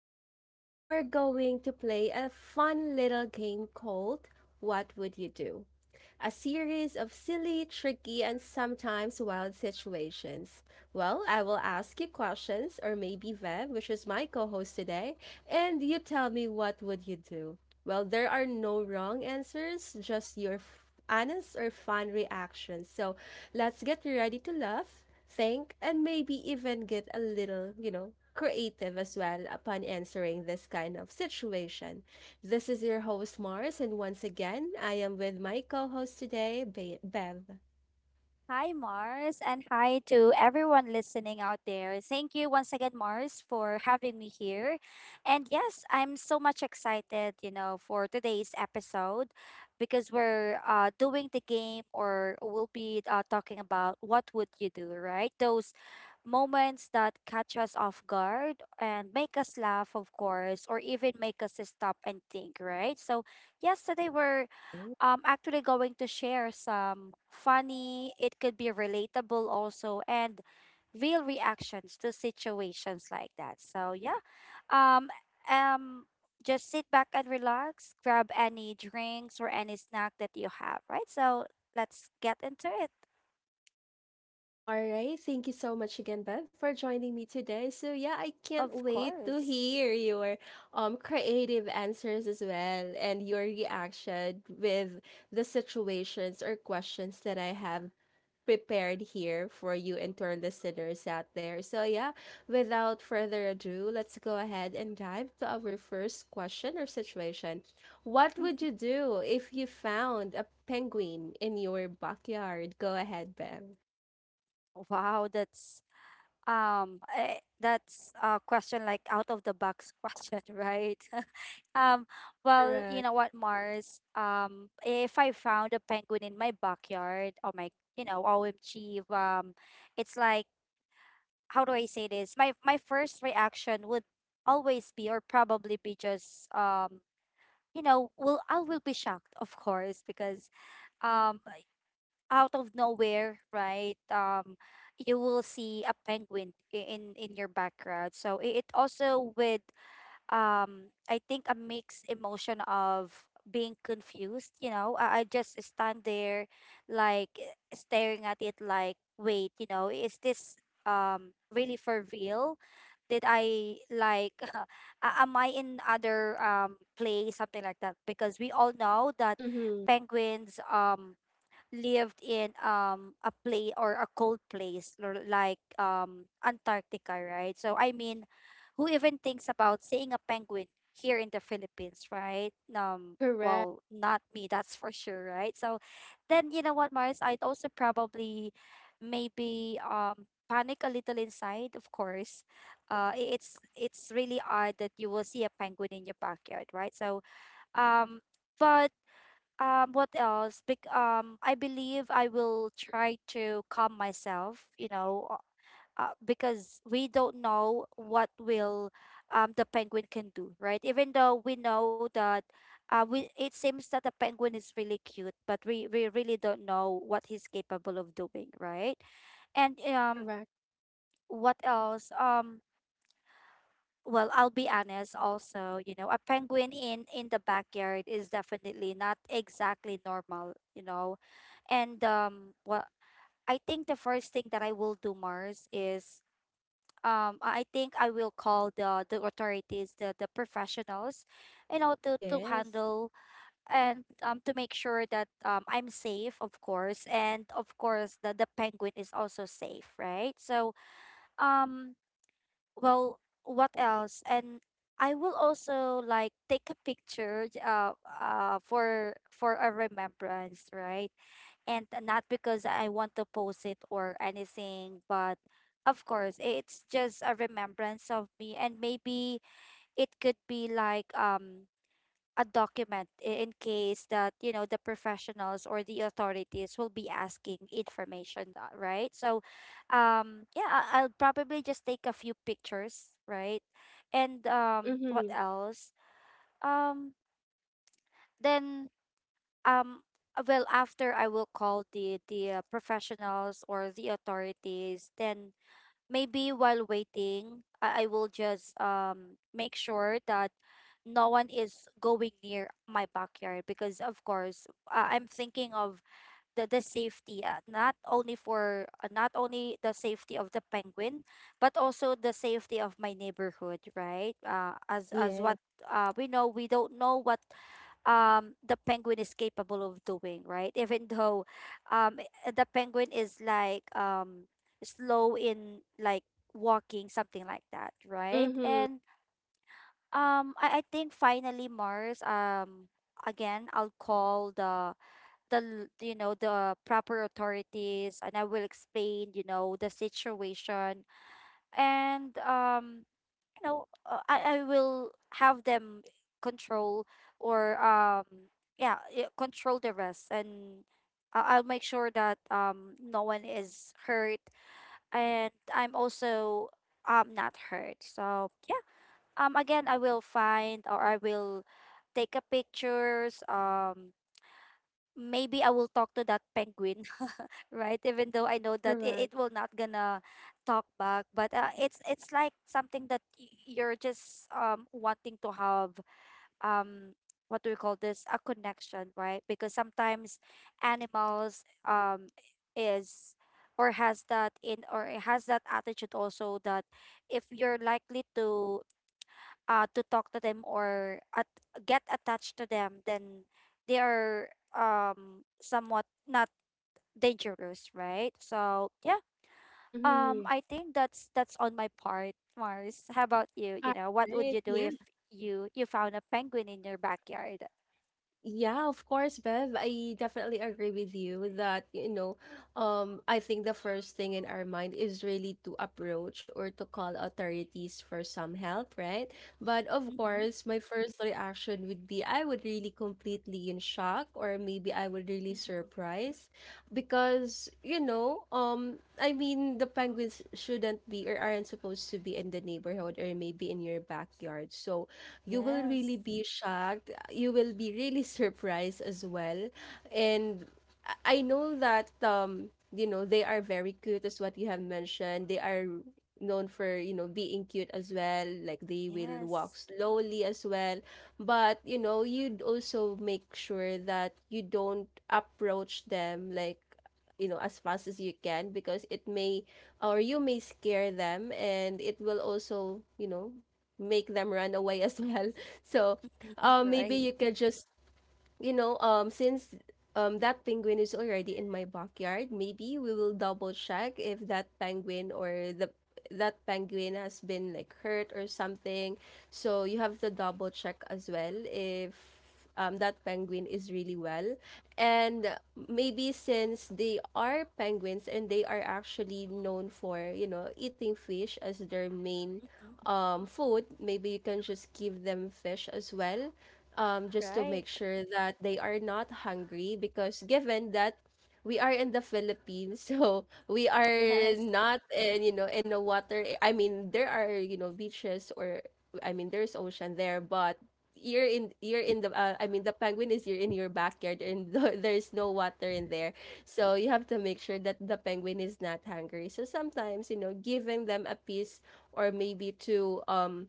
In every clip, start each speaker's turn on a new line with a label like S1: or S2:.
S1: Today, we're going to play a fun little game called What Would You Do? A series of silly, tricky, and sometimes wild situations. Well, I will ask you questions, or maybe Vev, which is my co host today, and you tell me what would you do. Well, there are no wrong answers, just your honest or fun reactions. So let's get ready to laugh think, and maybe even get a little, creative as well upon answering this kind of situation. This is your host, Mars, and once again, I am with my co host today, Bev.
S2: Hi, Mars, and hi to everyone listening out there. Thank you once again, Mars, for having me here. And yes, I'm so much excited, for today's episode because we're doing the game or we'll be talking about what would you do, right? Those moments that catch us off guard and make us laugh, of course, or even make us stop and think, right? So, yes, today we're
S1: Yay.
S2: I'm actually going to share some funny, it could be relatable also, and real reactions to situations like that. So yeah, um, um, just sit back and relax. Grab any drinks or any snack that you have, right? So let's get into it.
S1: All right. Thank you so much again, Bev, for joining me today. So yeah, I can't
S2: Of
S1: wait to
S2: course.
S1: hear your creative answers as well and your reaction with the situations or questions that I have prepared here for you and to our listeners out there. So, yeah, without further ado, let's go ahead and dive to our first question or situation. What
S2: Mhm.
S1: would you do if you found a penguin in your backyard? Go ahead, Bev.
S2: Wow, that's That's a question like out of the box, question, right? Um, well, you
S1: Correct.
S2: know what, Mars? If I found a penguin in my backyard, oh my, you know, OMG, it's like, how do I say this? My first reaction would always be, or probably be just, you know, well, I will be shocked, of course, because, um, out of nowhere, right? You will see a penguin in your background. So it also with I think a mixed emotion of being confused. You know, I just stand there, like staring at it, like wait, you know, is this really for real? Did I like? a- Am I in other place, something like that? Because we all know that
S1: Mm-hmm.
S2: penguins lived in a play or a cold place or like Antarctica, right? So I mean, who even thinks about seeing a penguin here in the Philippines, right?
S1: Correct.
S2: Well, not me, that's for sure, right? So then you know what, Mars, I'd also probably maybe panic a little inside, of course. It's really odd that you will see a penguin in your backyard, right? So um but what else? I believe I will try to calm myself, you know, because we don't know what will the penguin can do, right? Even though we know that we it seems that the penguin is really cute, but we really don't know what he's capable of doing, right? And
S1: Correct.
S2: what else? Well, I'll be honest also, you know, a penguin in the backyard is definitely not exactly normal, you know. And well, I think the first thing that I will do, Mars, is I think I will call the authorities, the professionals, you know, to
S1: Yes.
S2: handle, and to make sure that I'm safe, of course, and of course the penguin is also safe, right? So um well, what else, and I will also like take a picture, for a remembrance, right? And not because I want to post it or anything, but of course it's just a remembrance of me, and maybe it could be like a document, in case that, you know, the professionals or the authorities will be asking information, right? So yeah, I'll probably just take a few pictures, right? And what
S1: Mm-hmm.
S2: else, um then um well, after I will call the professionals or the authorities, then maybe while waiting, I will just make sure that no one is going near my backyard, because of course I'm thinking of the safety, not only the safety of the penguin, but also the safety of my neighborhood, right? As what,
S1: Yes.
S2: we know, we don't know what the penguin is capable of doing, right? Even though the penguin is like slow in like walking, something like that, right?
S1: Mm-hmm.
S2: And I think finally, Mars, again, I'll call the you know, the proper authorities, and I will explain, you know, the situation. And you know, I will have them control or yeah, control the rest. And I'll make sure that no one is hurt, and I'm also not hurt. So yeah, again, I will find, or I will take a pictures, maybe I will talk to that penguin, right? Even though I know that it
S1: Correct.
S2: will not gonna talk back. But it's like something that you're just wanting to have, um what do we call this, a connection, right? Because sometimes animals is or has that in, or it has that attitude also that if you're likely to talk to them, or at, get attached to them, then they are somewhat not dangerous, right? So yeah,
S1: Mm-hmm.
S2: I think that's on my part, Mars. How about you? You
S1: All
S2: know, what would
S1: right.
S2: you do
S1: Yeah.
S2: if you found a penguin in your backyard?
S1: Yeah, of course, Bev. I definitely agree with you that, you know, I think the first thing in our mind is really to approach or to call authorities for some help, right? But of
S2: Mm-hmm.
S1: course, my first reaction would be I would really completely in shock or maybe I would really
S2: Mm-hmm.
S1: surprised, because, you know, I mean, the penguins shouldn't be or aren't supposed to be in the neighborhood or maybe in your backyard. So, you will really
S2: Yes,
S1: be shocked. You will be really surprised as well. And I know that you know, they are very cute as what you have mentioned. They are known for, you know, being cute as well. Like they will walk
S2: yes,
S1: slowly as well. But, you know, you'd also make sure that you don't approach them like you know as fast as you can because it may or you may scare them and it will also you know make them run away as well. So, maybe
S2: right,
S1: you can just you know, since that penguin is already in my backyard, maybe we will double check if that penguin or the that penguin has been like hurt or something. So you have to double check as well if that penguin is really well. And maybe since they are penguins and they are actually known for, you know, eating fish as their main
S2: mm-hmm.
S1: food, maybe you can just give them fish as well just to
S2: Right,
S1: make sure that they are not hungry because given that we are in the Philippines, so we are
S2: yes,
S1: not in, you know, in the water. I mean, there are, you know, beaches or I mean, there's ocean there, but you're in the I mean the penguin is you're in your backyard and there's no water in there so you have to make sure that the penguin is not hungry so sometimes you know giving them a piece or maybe two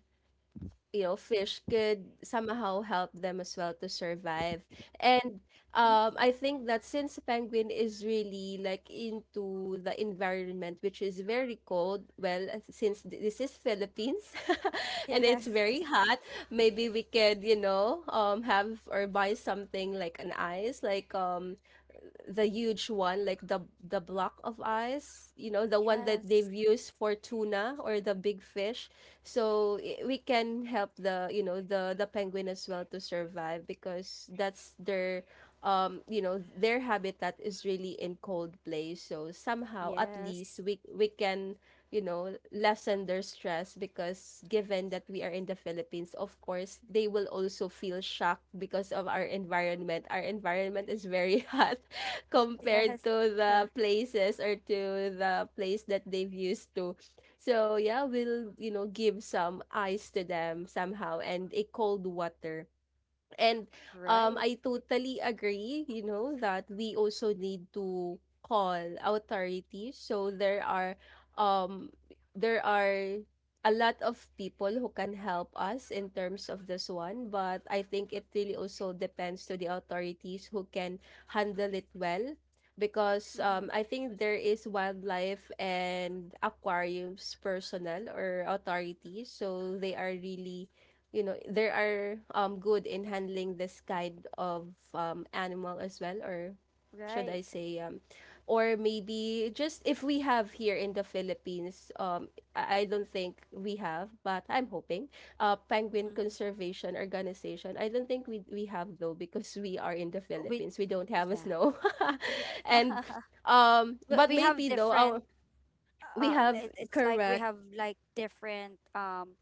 S1: you know fish could somehow help them as well to survive and
S2: mm-hmm.
S1: I think that since penguin is really like into the environment which is very cold well since this is Philippines and it's
S2: Yes,
S1: very hot maybe we could you know have or buy something like an ice like the huge one, like the block of ice, you know, the one that
S2: yes,
S1: they've used for tuna or the big fish. So we can help the, you know, the penguin as well to survive because that's their you know, their habitat is really in cold place. So somehow at least
S2: yes,
S1: we can, you know, lessen their stress because given that we are in the Philippines, of course, they will also feel shocked because of our environment. Our environment is very hot. compared
S2: yes,
S1: to the
S2: correct,
S1: places or to the place that they've used to. So yeah, we'll you know give some ice to them somehow and a cold water. And
S2: right,
S1: I totally agree, you know, that we also need to call authorities. So um there are a lot of people who can help us in terms of this one, but I think it really also depends to the authorities who can handle it well. Because
S2: mm-hmm.
S1: I think there is wildlife and aquariums personnel or authorities, so they are really you know there are good in handling this kind of animal as well or should I
S2: Right.
S1: say or maybe just if we have here in the Philippines I don't think we have but I'm hoping penguin
S2: Mm-hmm.
S1: conservation organization I don't think we have though because we are in the
S2: We,
S1: Philippines we don't have a
S2: yeah,
S1: snow and
S2: we
S1: but
S2: we have
S1: maybe though our
S2: different
S1: we have
S2: it's like we
S1: correct
S2: have like different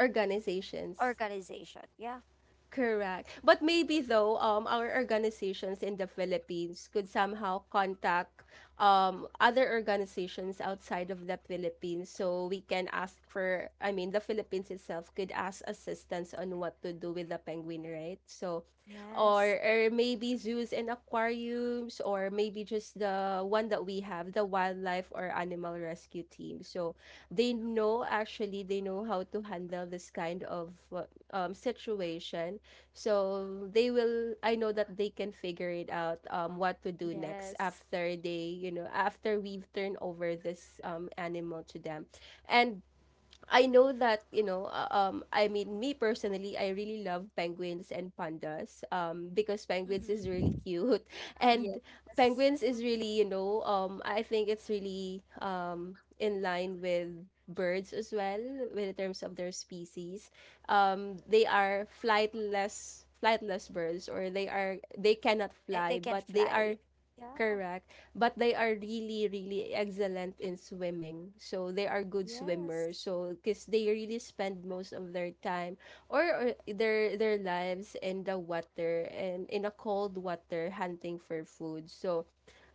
S1: organizations.
S2: organization, yeah.
S1: Correct. But maybe though, our organizations in the Philippines could somehow contact other organizations outside of the Philippines so we can ask for, I mean, the Philippines itself could ask assistance on what to do with the penguin, right? So,
S2: Yes.
S1: or maybe zoos and aquariums, or maybe just the one that we have, the wildlife or animal rescue team. So, they know actually, they know how to handle this kind of situation so they will I know that they can figure it out what to do next
S2: Yes.
S1: after they, you know, after we've turned over this animal to them. And I know that, you know, I mean, me personally, I really love penguins and pandas, because penguins is really
S2: Mm-hmm.
S1: cute, and
S2: Yes.
S1: penguins is really, you know, I think it's really, in line with birds as well, in terms of their species. They are flightless birds, or they are they cannot
S2: They
S1: fly,
S2: can
S1: but they
S2: fly.
S1: are
S2: Yeah.
S1: Correct. But they are really excellent in swimming. So they are good
S2: Yes.
S1: swimmers. So because they really spend most of their time or their lives in the water and in a cold water hunting for food. So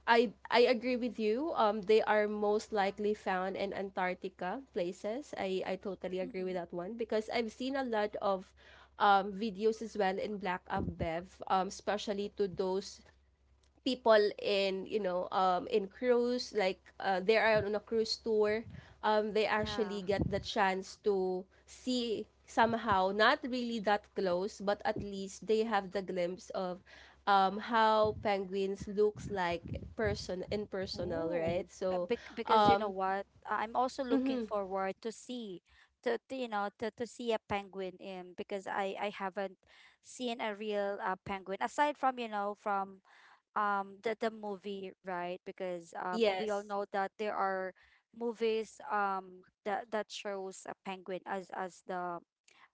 S1: I agree with you. They are most likely found in Antarctica places. I totally agree with
S2: Mm-hmm.
S1: that one because I've seen a lot of videos as well in Black Up Bev, especially to those people in you know in cruise like they are on a cruise tour they
S2: Yeah.
S1: actually get the chance to see somehow not really that close but at least they have the glimpse of how penguins looks like person in personal right
S2: Oh. But
S1: so
S2: Because you know
S1: um
S2: what, I'm also looking
S1: mhm,
S2: forward to see, to, you know, to see a penguin in, because I haven't seen a real, penguin aside from, you know, from the movie, right? Because we all
S1: yes.
S2: know that there are movies that that shows a penguin as the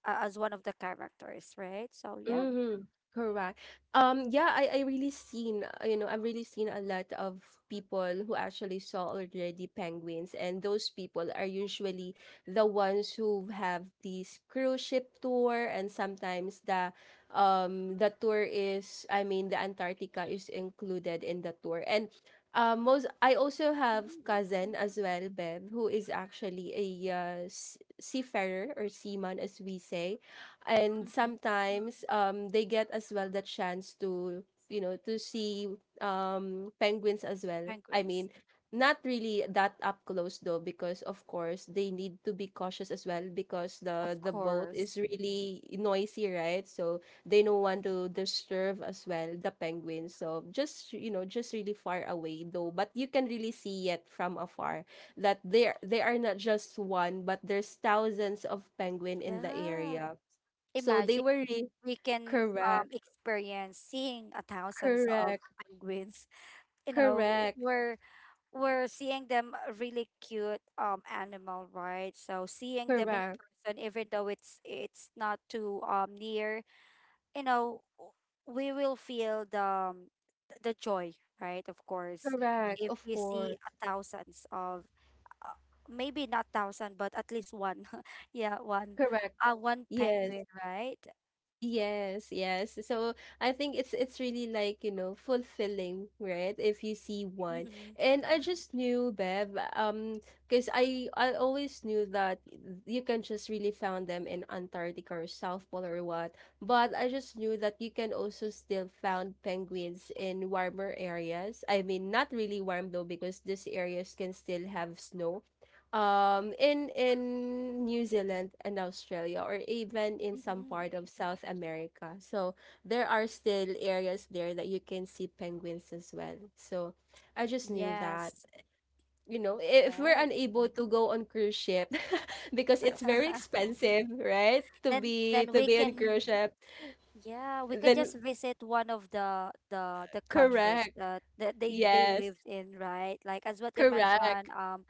S2: a- as one of the characters, right? So yeah,
S1: Mhm. Correct. Yeah, I really seen, you know, I've really seen a lot of people who actually saw already penguins, and those people are usually the ones who have these cruise ship tour, and sometimes the tour is, I mean, the Antarctica is included in the tour. And most I also have
S2: mm-hmm.
S1: cousin as well, Bev, who is actually a seafarer or seaman as we say and
S2: Mm-hmm.
S1: sometimes they get as well the chance to you know to see penguins as well I
S2: Penguins,
S1: mean not really that up close though because of course they need to be cautious as well because
S2: of
S1: the boat is
S2: course,
S1: really noisy right so they don't want to disturb as well the penguins so just you know just really far away though but you can really see it from afar that they are not just one but there's thousands of penguin in the
S2: yeah.
S1: area so they
S2: Imagine
S1: were really
S2: we can
S1: correct,
S2: experience seeing a thousands of
S1: correct,
S2: penguins. You know,
S1: correct,
S2: we're we're seeing them, really cute animal, right? So seeing them in
S1: correct,
S2: person, even though it's not too near, you know, we will feel the, the joy, right, of course,
S1: correct,
S2: if
S1: of
S2: we see
S1: course,
S2: a thousands of, uh, maybe not thousand but at least one, yeah, one,
S1: correct.
S2: one
S1: Yes.
S2: penguin, right?
S1: Yes, yes. So I think it's really like, you know, fulfilling, right? If you see one.
S2: Mm-hmm.
S1: And I just knew Bev, because I always knew that you can just really found them in Antarctica or South Pole or what. But I just knew that you can also still found penguins in warmer areas. I mean, not really warm though, because these areas can still have snow in New Zealand and Australia or even in some
S2: Mm-hmm.
S1: part of South America. So there are still areas there that you can see penguins as well. So I just knew that,
S2: Yes,
S1: you know, if we're
S2: right.
S1: unable to go on cruise ship because it's very expensive, right?
S2: then then
S1: To
S2: we
S1: be on
S2: can,
S1: cruise ship,
S2: yeah, we can
S1: then
S2: just visit one of the the countries
S1: correct.
S2: that, that they
S1: Yes,
S2: lived in, right? Like as what you
S1: correct.
S2: mentioned, um,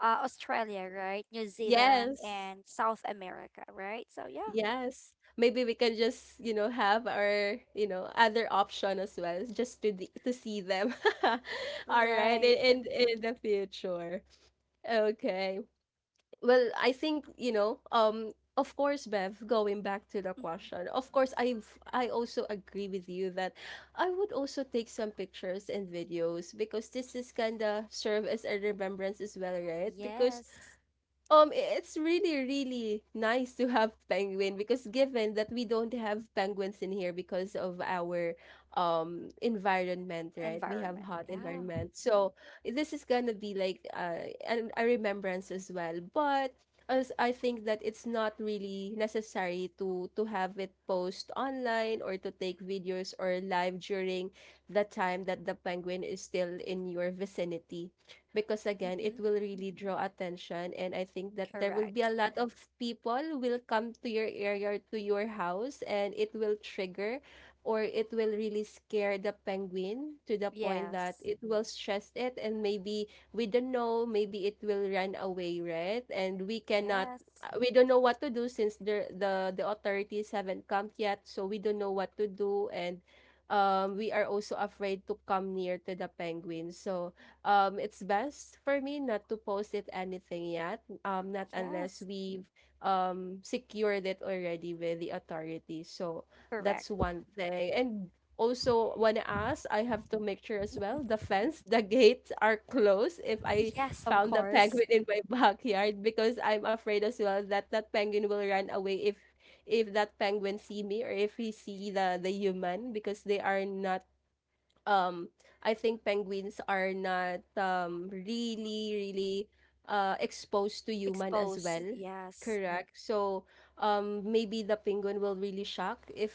S2: uh, Australia, right? New Zealand
S1: Yes.
S2: and South America, right? So yeah,
S1: Yes. Maybe we can just, you know, have our, you know, other option as well, just to the, to see them. All right,
S2: right.
S1: in the future. Okay. Well, I think, you know, of course, Bev, going back to the
S2: Mm,
S1: question. Of course, I also agree with you that I would also take some pictures and videos because this is kind of serve as a remembrance as well, right? Because
S2: yes,
S1: it's really, really nice to have penguin because given that we don't have penguins in here because of our environment, right? We have
S2: environment.
S1: hot
S2: Yeah.
S1: environment. So this is gonna be like a remembrance as well. But as I think that it's not really necessary to have it post online or to take videos or live during the time that the penguin is still in your vicinity, because again
S2: Mm-hmm.
S1: it will really draw attention, and I think that there will be a
S2: Correct.
S1: lot of people will come to your area or to your house, and it will trigger or it will really scare the penguin to the point that
S2: Yes.
S1: it will stress it. And maybe we don't know, maybe it will run away, right? And we cannot,
S2: Yes.
S1: we don't know what to do since the authorities haven't come yet, so we don't know what to do. And we are also afraid to come near to the penguin. So it's best for me not to post it anything yet, not unless
S2: Yes.
S1: we've secured it already with the authorities. So
S2: Correct.
S1: that's one thing. And also, wanna ask, I have to make sure as well the
S2: Mhm.
S1: fence, the gates are closed if I
S2: Yes, of
S1: found a
S2: course.
S1: penguin in my backyard, because I'm afraid as well that that penguin will run away if that penguin see me or if he see the human, because they are not um I think penguins are not really really exposed to human as
S2: Exposed.
S1: well.
S2: Yes.
S1: Correct. So maybe the penguin will really shock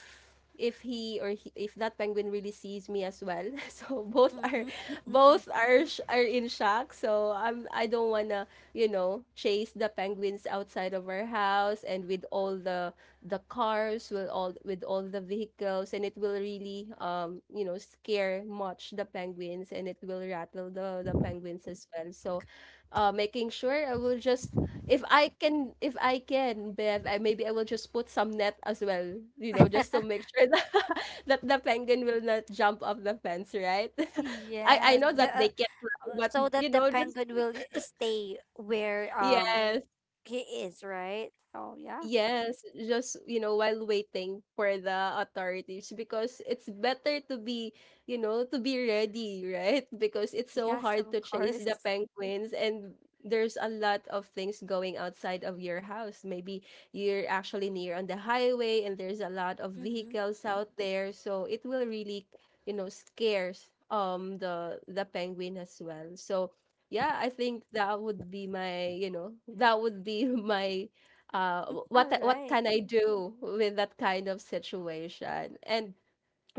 S1: if he or he, if that penguin really sees me as well. So both are
S2: Mm-hmm.
S1: both are are in shock. So I'm I don't want to, you know, chase the penguins outside of our house, and with all the cars will all with all the vehicles, and it will really you know scare much the penguins, and it will rattle the penguins as well. So making sure I will just if I can, if I can, Bev, I, maybe I will just put some net as well, you know, just to make sure that that the penguin will not jump off the fence, right? I
S2: Yes.
S1: know that
S2: Yeah.
S1: they can fly, but
S2: So that
S1: you
S2: the
S1: know, just
S2: penguin will stay where
S1: yes.
S2: he is, right? Oh yeah.
S1: Yes, just you know, while waiting for the authorities, because it's better to be, you know, to be ready, right? Because it's so
S2: Yes,
S1: hard
S2: of
S1: to chase the
S2: course.
S1: penguins, and there's a lot of things going outside of your house. Maybe you're actually near on the highway and there's a lot of
S2: Mm-hmm.
S1: vehicles out there, so it will really, you know, scares the penguin as well. So yeah, I think that would be my, you know, that would be my uh what
S2: All
S1: what
S2: right.
S1: can I do with that kind of situation? And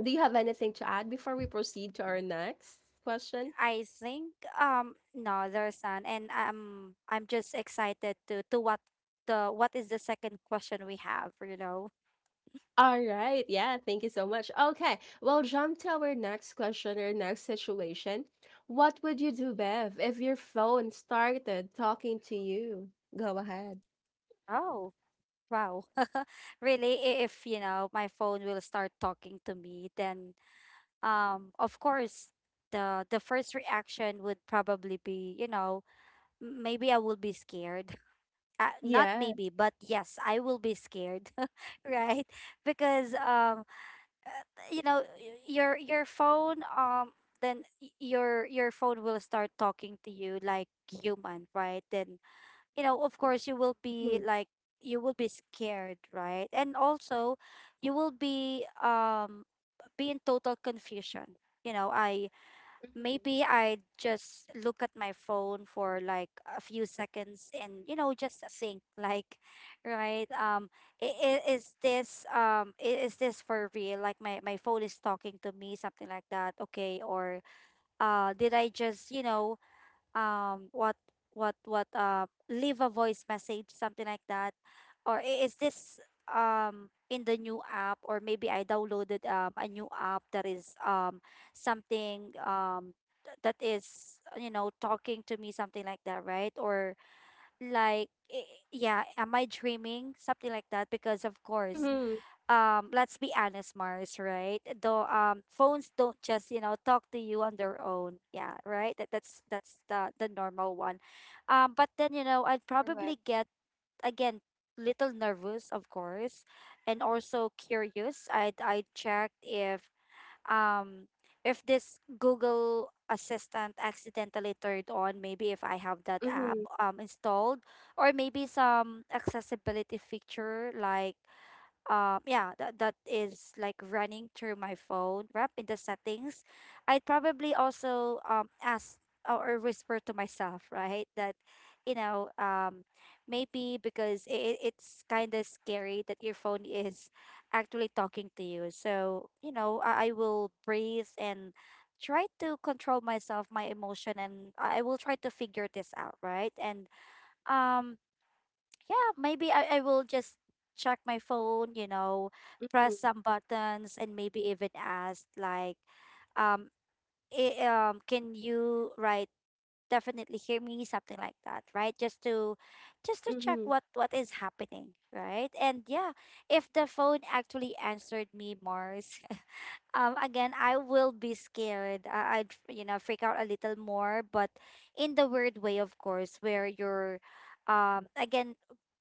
S1: do you have anything to add before we proceed to our next question?
S2: I think no, there's none, and I'm just excited to what the what is the second question we have, you know?
S1: All right, yeah, thank you so much. Okay, well, jump to our next question or next situation. What would you do, Bev, if your phone started talking to you? Go ahead.
S2: Oh, wow. Really, if you know my phone will start talking to me, then of course, the first reaction would probably be, you know, maybe I will be scared. Not
S1: Yes.
S2: maybe, but yes, I will be scared, right? Because uh, you know, your phone then y- your phone will start talking to you like human, right? Then you know, of course, you will be
S1: Mm-hmm.
S2: like, you will be scared, right? And also, you will be in total confusion. You know, I
S1: Mm-hmm.
S2: maybe I just look at my phone for like a few seconds and you know just think like, right, is this, is this for real, like my phone is talking to me, something like that. Okay, or did I just, you know, um what what leave a voice message, something like that, or is this in the new app, or maybe I downloaded a new app that is something um that is, you know, talking to me something like that, right? Or yeah, am I dreaming, something like that? Because of course,
S1: Mm-hmm.
S2: let's be honest, Mars, right? Though phones don't just, you know, talk to you on their own, yeah, right? That's that's the normal one, but then, you know, I'd probably
S1: Correct.
S2: get again, little nervous, of course, and also curious. I checked um if this Google Assistant accidentally turned on, maybe if I have that app
S1: Mm-hmm.
S2: installed, or maybe some accessibility feature like yeah, that is like running through my phone wrap in the settings. I'd probably also ask or whisper to myself, right? That you know um maybe because it's kind of scary that your phone is actually talking to you. So I will breathe and try to control myself, my emotion, and I will try to figure this out, right? And um yeah, maybe I will just check my phone, press
S1: Mm-hmm.
S2: some buttons and maybe even ask like, um, can you definitely hear me? Something like that, right? Just to check
S1: Mm-hmm.
S2: what is happening, right? And yeah, if the phone actually answered me, Mars, again, I will be scared. I'd freak out a little more, but in the weird way, of course, where you're, again,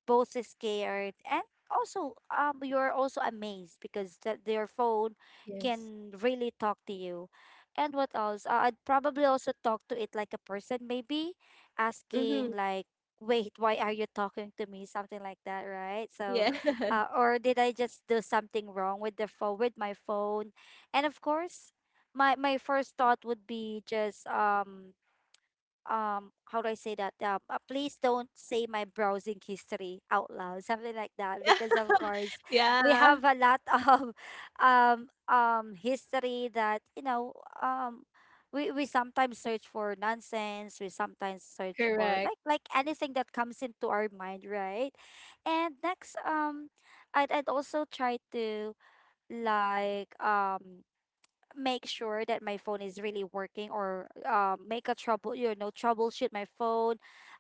S2: both is scared and also, you're also amazed because that their phone
S1: Yes.
S2: can really talk to you. And what else? I'd probably also talk to it like a person, maybe asking
S1: Mm-hmm.
S2: like, wait, why are you talking to me? Something like that, right? So,
S1: Yeah.
S2: or did I just do something wrong with the phone, with my phone? And of course, my first thought would be just, how do I say that, please don't say my browsing history out loud, something like that, because of course we
S1: Yeah.
S2: have a lot of history that, um we sometimes search for nonsense, we sometimes search for
S1: Correct.
S2: like anything that comes into our mind, right? And next, I'd also try to, like, make sure that my phone is really working, or, make a trouble you know troubleshoot my phone.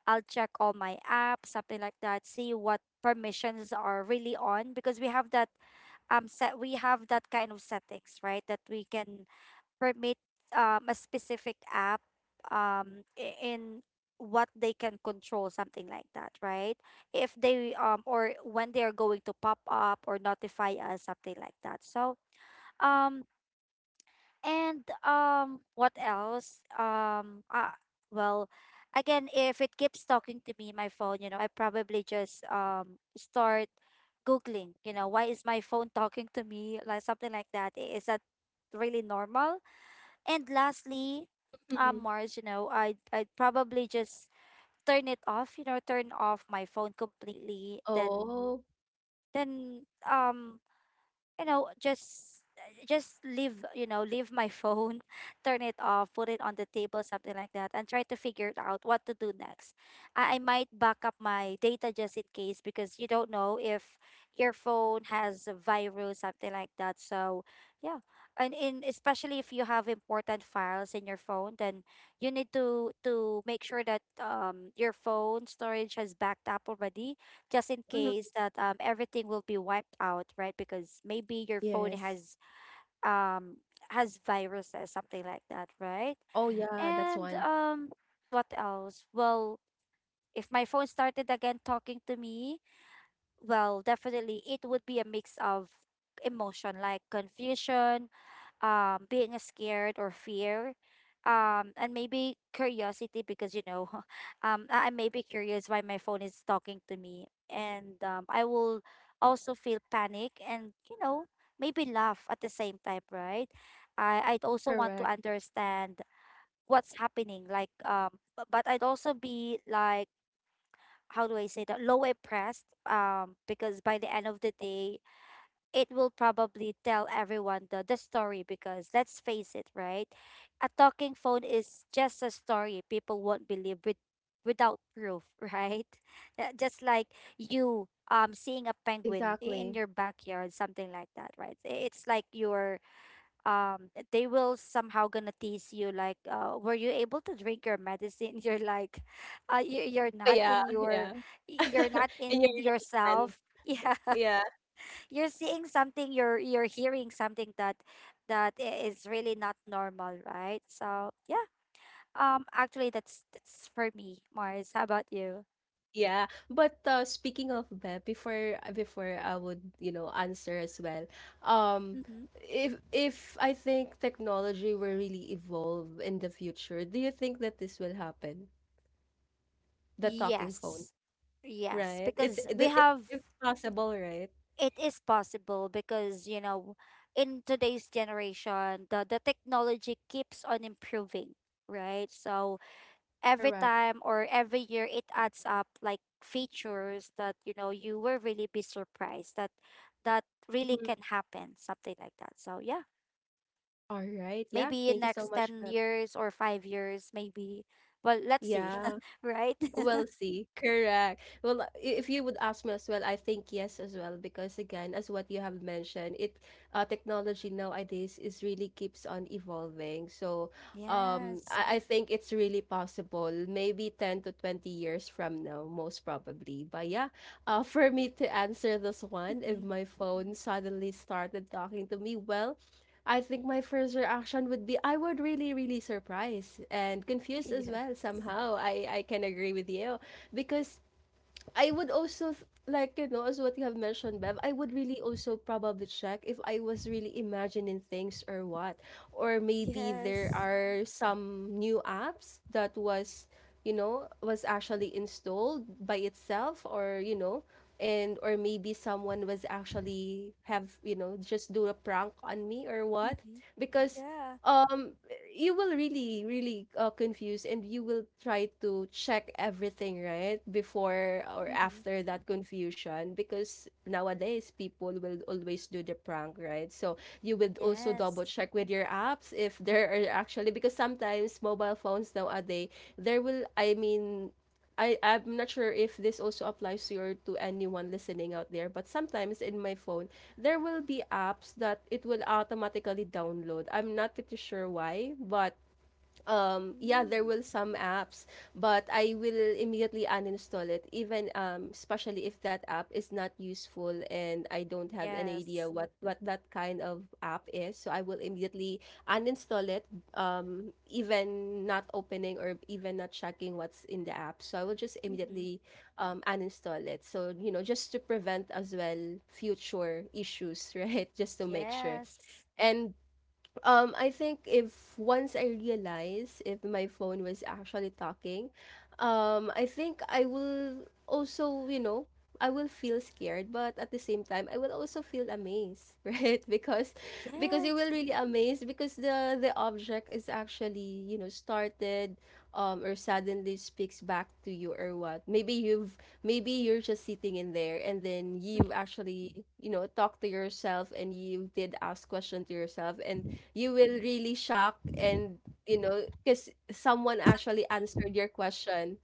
S2: I'll check all my apps, something like that, see what permissions are really on, because we have that kind of settings, right? That we can permit a specific app, in what they can control, something like that, right? If they, or when they are going to pop up or notify us, something like that. So, um and, what else? Well, again, if it keeps talking to me, my phone, you know, I probably just start googling. You know, why is my phone talking to me? Like something like that. Is that really normal? And lastly,
S1: Mm-hmm.
S2: Mars, you know, I'd probably just turn it off. You know, turn off my phone completely. Then
S1: Oh,
S2: then just, just leave, leave my phone, turn it off, put it on the table, something like that, and try to figure it out what to do next. I might back up my data just in case, because you don't know if your phone has a virus, something like that. So yeah, and in, especially if you have important files in your phone, then you need to make sure that your phone storage has backed up already, just in
S1: mhm.
S2: case that, everything will be wiped out, right? Because maybe your phone
S1: Yes.
S2: has, um has viruses, something like that, right?
S1: Oh, yeah, that's
S2: And,
S1: one.
S2: what else? Well, if my phone started again talking to me, well, definitely it would be a mix of emotion, like confusion, being scared or fear, and maybe curiosity, because you know, I may be curious why my phone is talking to me, and I will also feel panic and, you know, maybe laugh at the same time, right? I'd also want to
S1: Correct.
S2: understand what's happening, like, but I'd also be like, how do I say that, low impressed, because by the end of the day, it will probably tell everyone the story, because let's face it, right? A talking phone is just a story people won't believe with, without proof, right? Just like you, seeing a penguin in
S1: Exactly.
S2: your backyard, something like that, right? It's like you're they will somehow gonna tease you like, were you able to drink your medicine? You're like, you're
S1: Oh,
S2: not
S1: yeah,
S2: in your
S1: yeah.
S2: you're not
S1: In your
S2: in
S1: right hand.
S2: yourself. Yeah,
S1: Yeah,
S2: you're seeing something, you're hearing something that is really not normal, right? So yeah, actually that's for me, Mars. How about you?
S1: yeah. But speaking of Beb, before before I would, you know, answer as well. Um,
S2: Mm-hmm.
S1: if I think technology will really evolve in the future, do you think that this will happen? The talking phone,
S2: Yes, yes,
S1: right?
S2: because we have.
S1: It's possible, right?
S2: It is possible, because you know, in today's generation, the technology keeps on improving, right? So every
S1: Correct.
S2: time or every year, it adds up, like, features that, you know, you will really be surprised that really
S1: Mm-hmm.
S2: can happen, something like that. So yeah,
S1: All right. Yeah.
S2: maybe in
S1: Thank you so
S2: next
S1: much,
S2: 10
S1: Beb.
S2: years or 5 years, maybe. Well, let's see,
S1: Yeah,
S2: right?
S1: we'll see. Correct. Well, if you would ask me as well, I think yes as well, because again, as what you have mentioned, it technology nowadays is really keeps on evolving. So,
S2: Yes.
S1: I think it's really possible, maybe 10 to 20 years from now, most probably. But yeah, for me to answer this one, if
S2: Mhm.
S1: my phone suddenly started talking to me, well, I think my first reaction would be I would really, really surprised and confused as
S2: Yeah.
S1: well somehow. I can agree with you because I would also like you know as what you have mentioned, Bev. I would really also probably check if I was really imagining things or what, or maybe there
S2: Yes.
S1: are some new apps that was, you know, was actually installed by itself, or you know, and or maybe someone was actually have, you know, just do a prank on me or what,
S2: Hmm.
S1: because
S2: Yeah.
S1: um you will really really confuse and you will try to check everything, right, before or
S2: Hmm.
S1: after that confusion, because nowadays people will always do the prank, right? So you would also double
S2: Yes.
S1: check with your apps if there are actually, because sometimes mobile phones nowadays there will I mean, I'm not sure if this also applies to your to anyone listening out there, but sometimes in my phone, there will be apps that it will automatically download. I'm not pretty sure why, but yeah there
S2: Mm.
S1: will some apps, but I will immediately uninstall it even especially if that app is not useful and I don't have an idea
S2: Yes.
S1: what that kind of app is, so I will immediately uninstall it, even not opening or even not checking what's in the app, so I will just
S2: Hmm.
S1: immediately uninstall it, so you know, just to prevent as well future issues right, just to make sure.
S2: Yes.
S1: And I think if once I realize if my phone was actually talking, I think I will also, you know, I will feel scared, but at the same time, I will also feel amazed, right? Because you will
S2: Yes.
S1: really amazed because the object is actually, you know, started, or suddenly speaks back to you or what. Maybe you've maybe you're just sitting in there and then you actually, you know, talk to yourself and you did ask question to yourself, and you will really shock, and you know, because someone actually answered your question.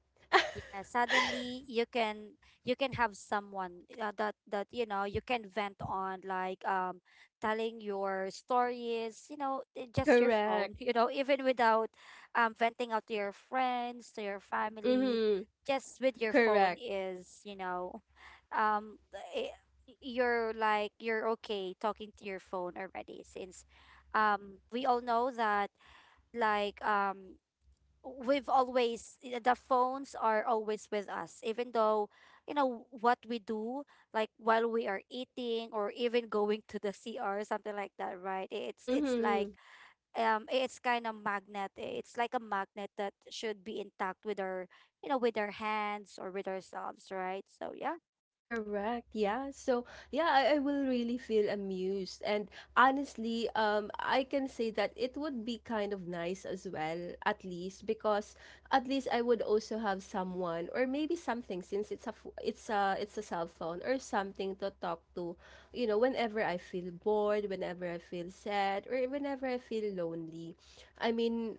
S2: Yeah, suddenly you can, have someone, that you can vent on, like, telling your stories, you know, just your phone,
S1: Correct.
S2: you know, even without, venting out to your friends, to your family,
S1: Mm-hmm.
S2: just with your phone
S1: Correct.
S2: is, you know, um i- you're like you're okay talking to your phone already, since, we all know that, like, the phones are always with us, even though, you know, what we do, like while we are eating or even going to the CR, something like that, right? It's like,
S1: Mm-hmm.
S2: it's kind of magnet eh, it's like a magnet that should be intact with our, you know, with our hands or with ourselves, right? So yeah.
S1: Correct. Yeah. So, yeah, I will really feel amused. And honestly, I can say that it would be kind of nice as well, at least because at least I would also have someone or maybe something, since it's a it's a cell phone or something to talk to, you know, whenever I feel bored, whenever I feel sad, or whenever I feel lonely. I mean,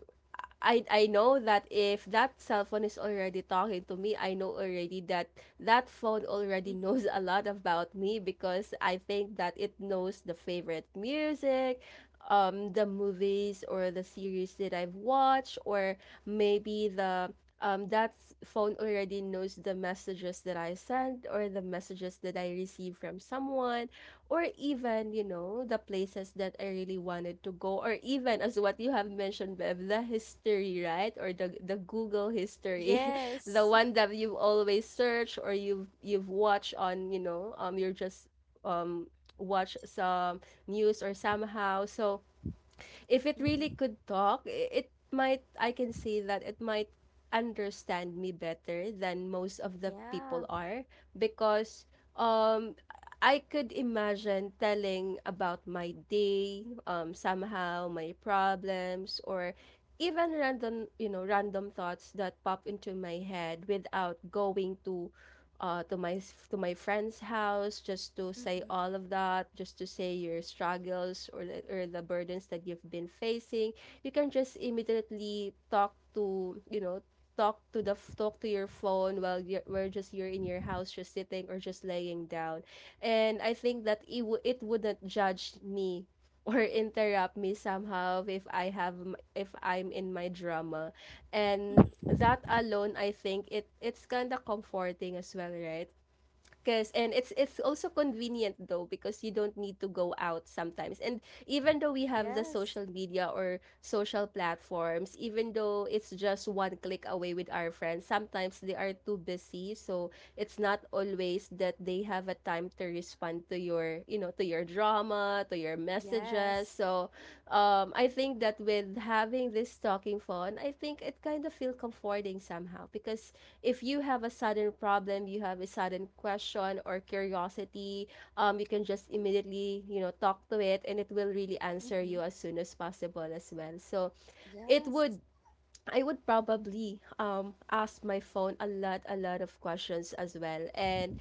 S1: I know that if that cell phone is already talking to me, I know already that that phone already
S2: Mm-hmm.
S1: knows a lot about me, because I think that it knows the favorite music, the movies or the series that I've watched, or maybe the that phone already knows the messages that I sent or the messages that I receive from someone, or even, you know, the places that I really wanted to go, or even as what you have mentioned, Bev, the history, right? Or the Google history, the
S2: Yes.
S1: one that you have always searched, or you've watched on, you know, you're just um watch some news or somehow. So if it really
S2: Mm-hmm.
S1: could talk, it might, I can say that it might understand me better than most of the
S2: Yeah.
S1: people are, because um I could imagine telling about my day, somehow my problems or even random, you know, random thoughts that pop into my head without going uh, to my to my friend's house, just to say
S2: Mm-hmm.
S1: all of that, just to say your struggles or the burdens that you've been facing. You can just immediately talk to, you know, talk to the talk to your phone while you're we're just you're in your house just sitting or just laying down, and I think that it, it wouldn't judge me or interrupt me somehow if I have if I'm in my drama. And that
S2: Mm-hmm.
S1: alone, I think it it's kind of comforting as well, right? Because and it's also convenient though because you don't need to go out sometimes. And even though we have the
S2: Yes.
S1: social media or social platforms, even though it's just one click away with our friends, sometimes they are too busy, so it's not always that they have a time to respond to your, you know, to your drama, to your messages.
S2: Yes.
S1: So, I think that with having this talking phone, I think it kind of feel comforting somehow because if you have a sudden problem, you have a sudden question or curiosity, you can just immediately, talk to it and it will really answer
S2: Mm-hmm.
S1: you as soon as possible as well. So it
S2: Yes.
S1: would I would probably ask my phone a lot of questions as well. And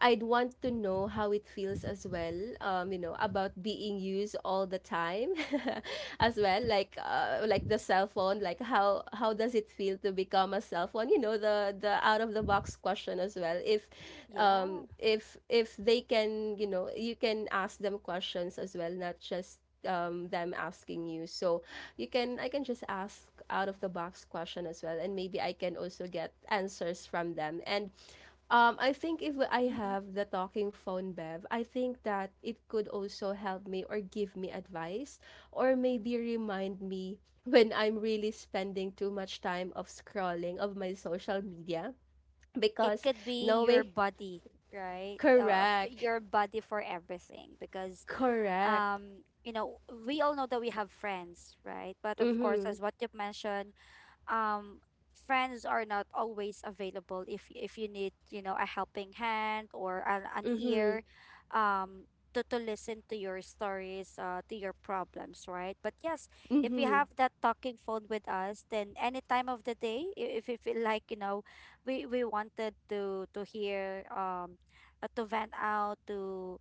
S1: I'd want to know how it feels as well, about being used all the time as well, like the cell phone, like how does it feel to become a cell phone? You know, the out of the box question as well. If
S2: Yeah.
S1: um if if they can, you can ask them questions as well, not just them asking you. So you can I can just ask out of the box question as well, and maybe I can also get answers from them. And I think if I
S2: Mm-hmm.
S1: have the talking phone, Bev, I think that it could also help me or give me advice or maybe remind me when I'm really spending too much time of scrolling of my social media
S2: It
S1: because
S2: could be your
S1: knowing.
S2: body, right?
S1: Correct.
S2: Your body for everything, because,
S1: Correct.
S2: you know, we all know that we have friends, right? But of course,
S1: Mm-hmm.
S2: as what you mentioned, um friends are not always available if, you need, you know, a helping hand or an
S1: Mm-hmm.
S2: ear, um to listen to your stories, to your problems, right? But yes, if you
S1: Mm-hmm.
S2: have that talking phone with us, then any time of the day, if you feel like, you know, we wanted to hear, to vent out to,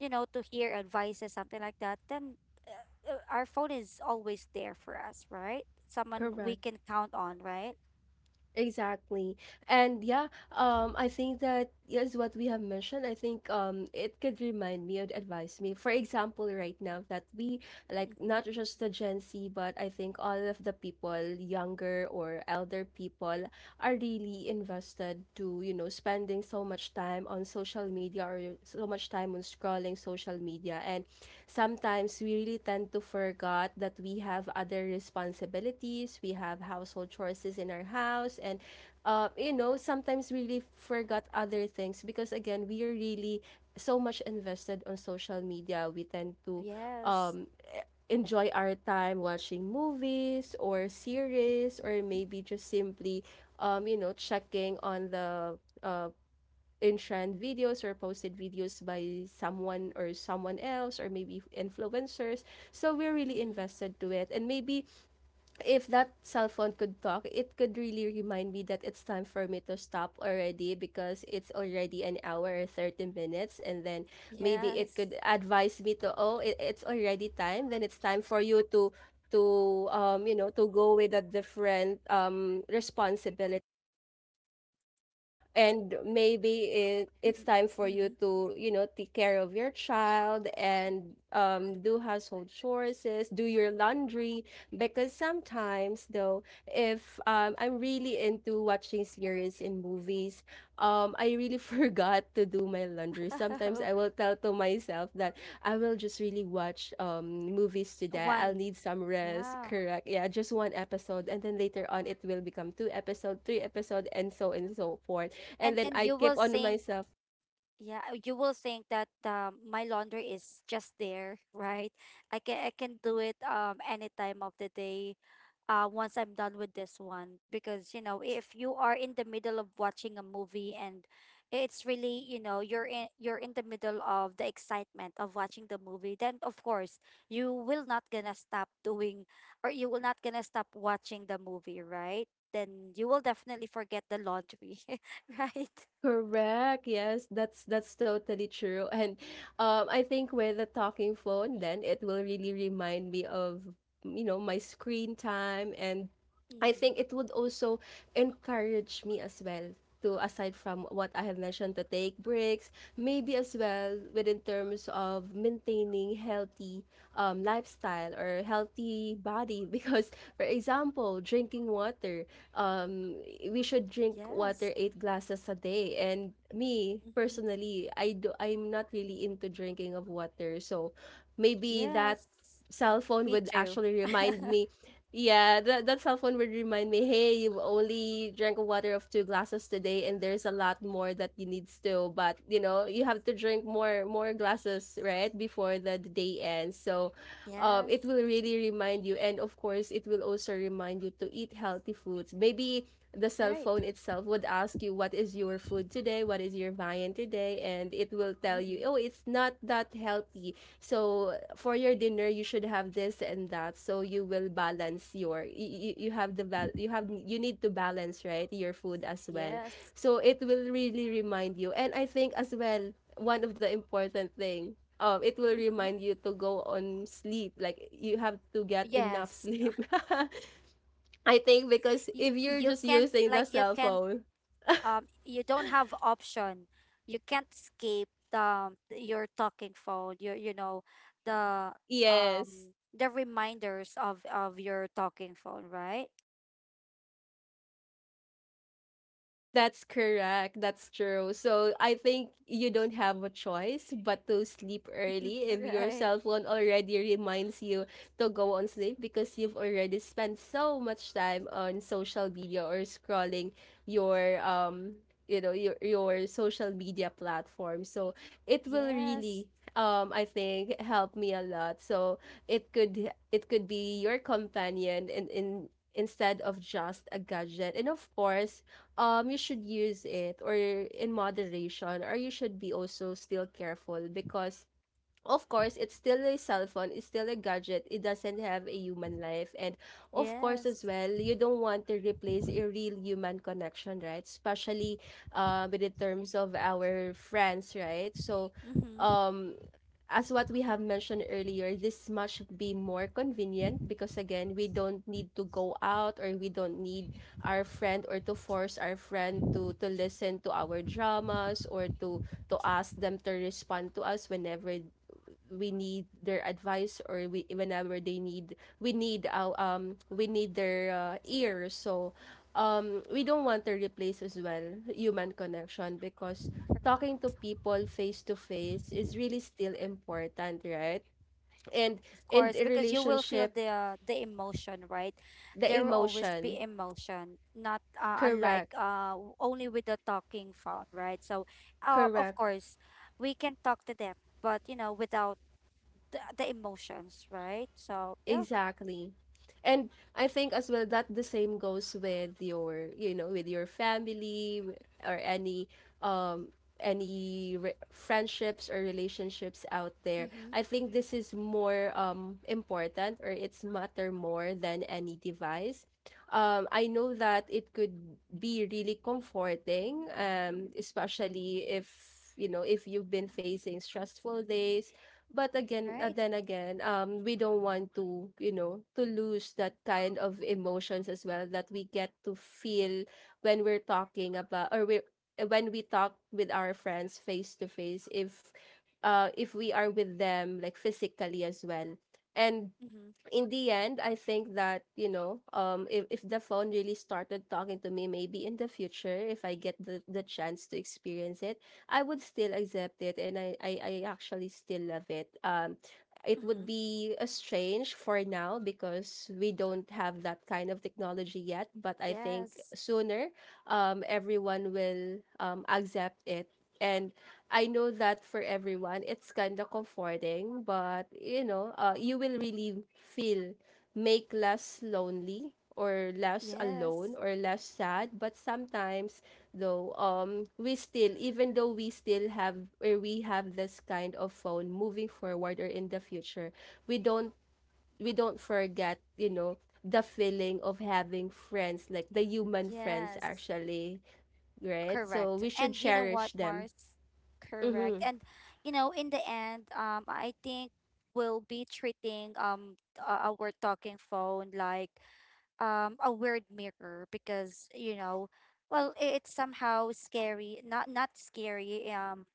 S2: you know, to hear advices, something like that, then, our phone is always there for us, right? Someone we
S1: Correct.
S2: can count on, right?
S1: Exactly. And yeah, I think that yes, what we have mentioned. I think it could remind me or advise me. For example, right now that we like
S2: Mm-hmm.
S1: not just the Gen Z, but I think all of the people, younger or elder people, are really invested to, spending so much time on social media or so much time on scrolling social media. And sometimes we really tend to forget that we have other responsibilities, we have household chores in our house. And sometimes we really forgot other things because again, we are really so much invested on social media. We tend to
S2: Yes.
S1: um, enjoy our time watching movies or series, or maybe just simply, checking on the uh, in-trend videos or posted videos by someone or someone else or maybe influencers, so we're really
S2: Mm-hmm.
S1: invested to it. And maybe if that cell phone could talk, it could really remind me that it's time for me to stop already because it's already an hour or 30 minutes. And then maybe it
S2: Yes.
S1: could advise me to, oh, it's already time, then it's time for you to you know to go with a different responsibility, and maybe it's time for you
S2: Mm-hmm.
S1: to take care of your child, and do household chores, do your laundry. Because sometimes though, if I'm really into watching series and movies, I really forgot to do my laundry. Sometimes I
S2: Mm-hmm.
S1: will tell to myself that I will just really watch movies today. I'll
S2: One.
S1: need some rest,
S2: Yeah.
S1: correct? Yeah, just one episode, and then later on it will become two episode, three episode and so forth. And
S2: And
S1: then
S2: and
S1: I
S2: you
S1: keep
S2: will
S1: on
S2: think,
S1: myself.
S2: yeah, you will think that, my laundry is just there, right? I can do it, any time of the day, once I'm done with this one, because you know, if you are in the middle of watching a movie and it's really, you know, you're in the middle of the excitement of watching the movie, then of course you will not gonna stop doing, or you will not gonna stop watching the movie, right? Then you will definitely forget the laundry, right?
S1: Correct. Yes, that's totally true. And I think with the talking phone, then it will really remind me of, my screen time. And I
S2: Mm,
S1: think it would also encourage me as well to, aside from what I have mentioned, to take breaks, maybe as well within terms of maintaining healthy lifestyle or healthy body. Because, for example, drinking water, um, we should drink water
S2: yes.
S1: 8 glasses a day. And me
S2: Mm-hmm.
S1: personally, I'm not really into drinking of water. So maybe that
S2: Yes.
S1: cell phone
S2: Me
S1: would
S2: too.
S1: actually remind me. Yeah, that cell phone would remind me, hey, you only drank water of 2 glasses today, and there's a lot more that you need still. But, you have to drink more glasses, right, before the day ends. So
S2: Yes.
S1: it will really remind you. And of course, it will also remind you to eat healthy foods. Maybe the cell
S2: Right.
S1: phone itself would ask you, what is your food today? What is your viand today? And it will tell you,
S2: Mm-hmm.
S1: oh, it's not that healthy. So for your dinner, you should have this and that. So you will balance your, you have the, val- you have, you need to balance, right? Your food as well.
S2: Yes.
S1: So it will really remind you. And I think as well, one of the important thing, it will
S2: Mm-hmm.
S1: remind you to go on sleep, like you have to get enough
S2: Yes.
S1: sleep. I think because if you're
S2: You
S1: just
S2: can't,
S1: using the
S2: like,
S1: cell phone.
S2: you don't have option. You can't escape the your talking phone. Your you know the
S1: Yes.
S2: the reminders of your talking phone, right?
S1: That's correct. That's true. So I think you don't have a choice but to sleep early if your
S2: Right.
S1: cell phone already reminds you to go on sleep because you've already spent so much time on social media or scrolling your you know your social media platform. So it will
S2: Yes.
S1: really I think help me a lot. So it could be your companion in, instead of just a gadget. And of course, you should use it or in moderation, or you should be also still careful, because of course, it's still a cell phone, it's still a gadget, it doesn't have a human life. And of course, as
S2: Yes.
S1: well, you don't want to replace a real human connection, right? Especially with the terms of our friends, right? So,
S2: Mm-hmm.
S1: um, as what we have mentioned earlier, this much be more convenient because again, we don't need to go out, or we don't need our friend or to force our friend to listen to our dramas or to ask them to respond to us whenever we need their advice, or we whenever they need, we need their ear. So we don't want to replace as well human connection, because talking to people face to face is really still important, right? And
S2: Of
S1: in
S2: course,
S1: a
S2: because you will feel
S1: relationship,
S2: the emotion, right?
S1: the
S2: There will always be
S1: emotion.
S2: emotion, not, unlike,
S1: Correct.
S2: only with the talking phone, right? So, of
S1: Correct.
S2: course, we can talk to them, but you know, without the emotions, right? So, yeah.
S1: Exactly. And I think as well that the same goes with your family, or um any friendships or relationships out there.
S2: Mm-hmm.
S1: I think this is more important, or it's matter more than any device. I know that it could be really comforting, especially if you've been facing stressful days. But again,
S2: Right.
S1: then again, we don't want to lose that kind of emotions as well that we get to feel when we're talking about, or we when we talk with our friends face to face, if we are with them like physically as well. And
S2: Mm-hmm.
S1: in the end, I think that, if, the phone really started talking to me, maybe in the future, if I get the chance to experience it, I would still accept it, and I actually still love it. It would
S2: Mm-hmm.
S1: be a strange for now because we don't have that kind of technology yet, but I think
S2: Yes.
S1: sooner, everyone will accept it. And I know that for everyone, it's kind of comforting, but you will really feel, make less lonely or less alone
S2: Yes.
S1: or less sad. But sometimes though, we still, even though we still have, or we have this kind of phone moving forward or in the future, we don't we don't forget, the feeling of having friends, like the human friends,
S2: Yes.
S1: actually, right? So
S2: Correct.
S1: we should
S2: And you know
S1: cherish
S2: what,
S1: them.
S2: Mars? Correct.
S1: Mm-hmm.
S2: And you know, in the end, I think we'll be treating, our talking phone like a weird mirror, because you know, well, it's somehow scary. Not scary. Um,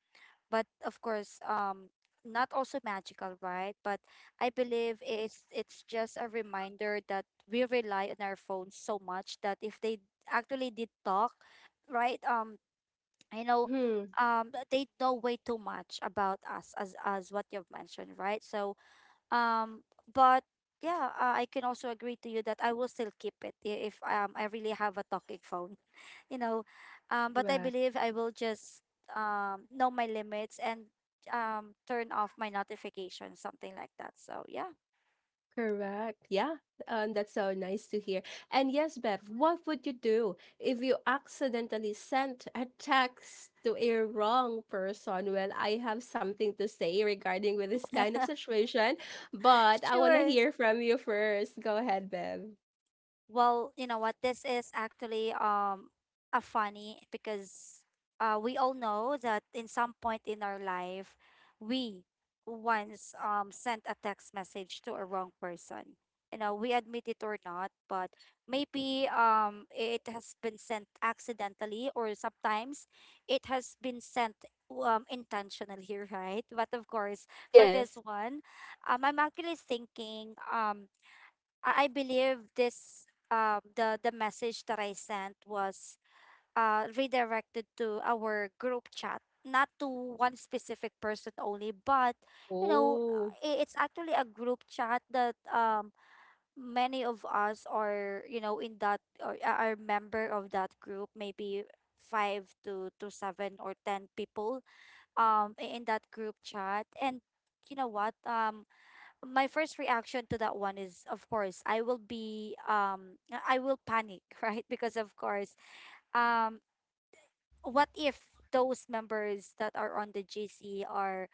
S2: but of course, not also magical, right? But I believe it's just a reminder that we rely on our phones so much that if they actually did talk, right? You know,
S1: Mm-hmm.
S2: they know way too much about us, as what you've mentioned, right? So, but yeah, I can also agree to you that I will still keep it, if, I really have a talking phone, you know, but I
S1: Correct.
S2: believe I will just, know my limits, and, turn off my notifications, something like that. So yeah.
S1: Correct. Yeah. That's so nice to hear. And yes, Bev, what would you do if you accidentally sent a text to a wrong person? Well, I have something to say regarding with this kind of situation, but I want to
S2: Sure.
S1: hear from you first. Go ahead, Bev.
S2: Well, you know what? This is actually a funny, because, we all know that in some point in our life, we once sent a text message to a wrong person. You know, we admit it or not, but maybe it has been sent accidentally, or sometimes it has been sent, intentionally, right? But of course, for this
S1: Yes.
S2: one, I'm actually thinking. I believe this the message that I sent was redirected to our group chat, not to one specific person only, but you know,
S1: Oh.
S2: it's actually a group chat that many of us are, you know, in that, or are member of that group, maybe five to seven or ten people, in that group chat. And you know what, my first reaction to that one is, of course, I will panic, right? Because of course, um what if those members that are on the GC are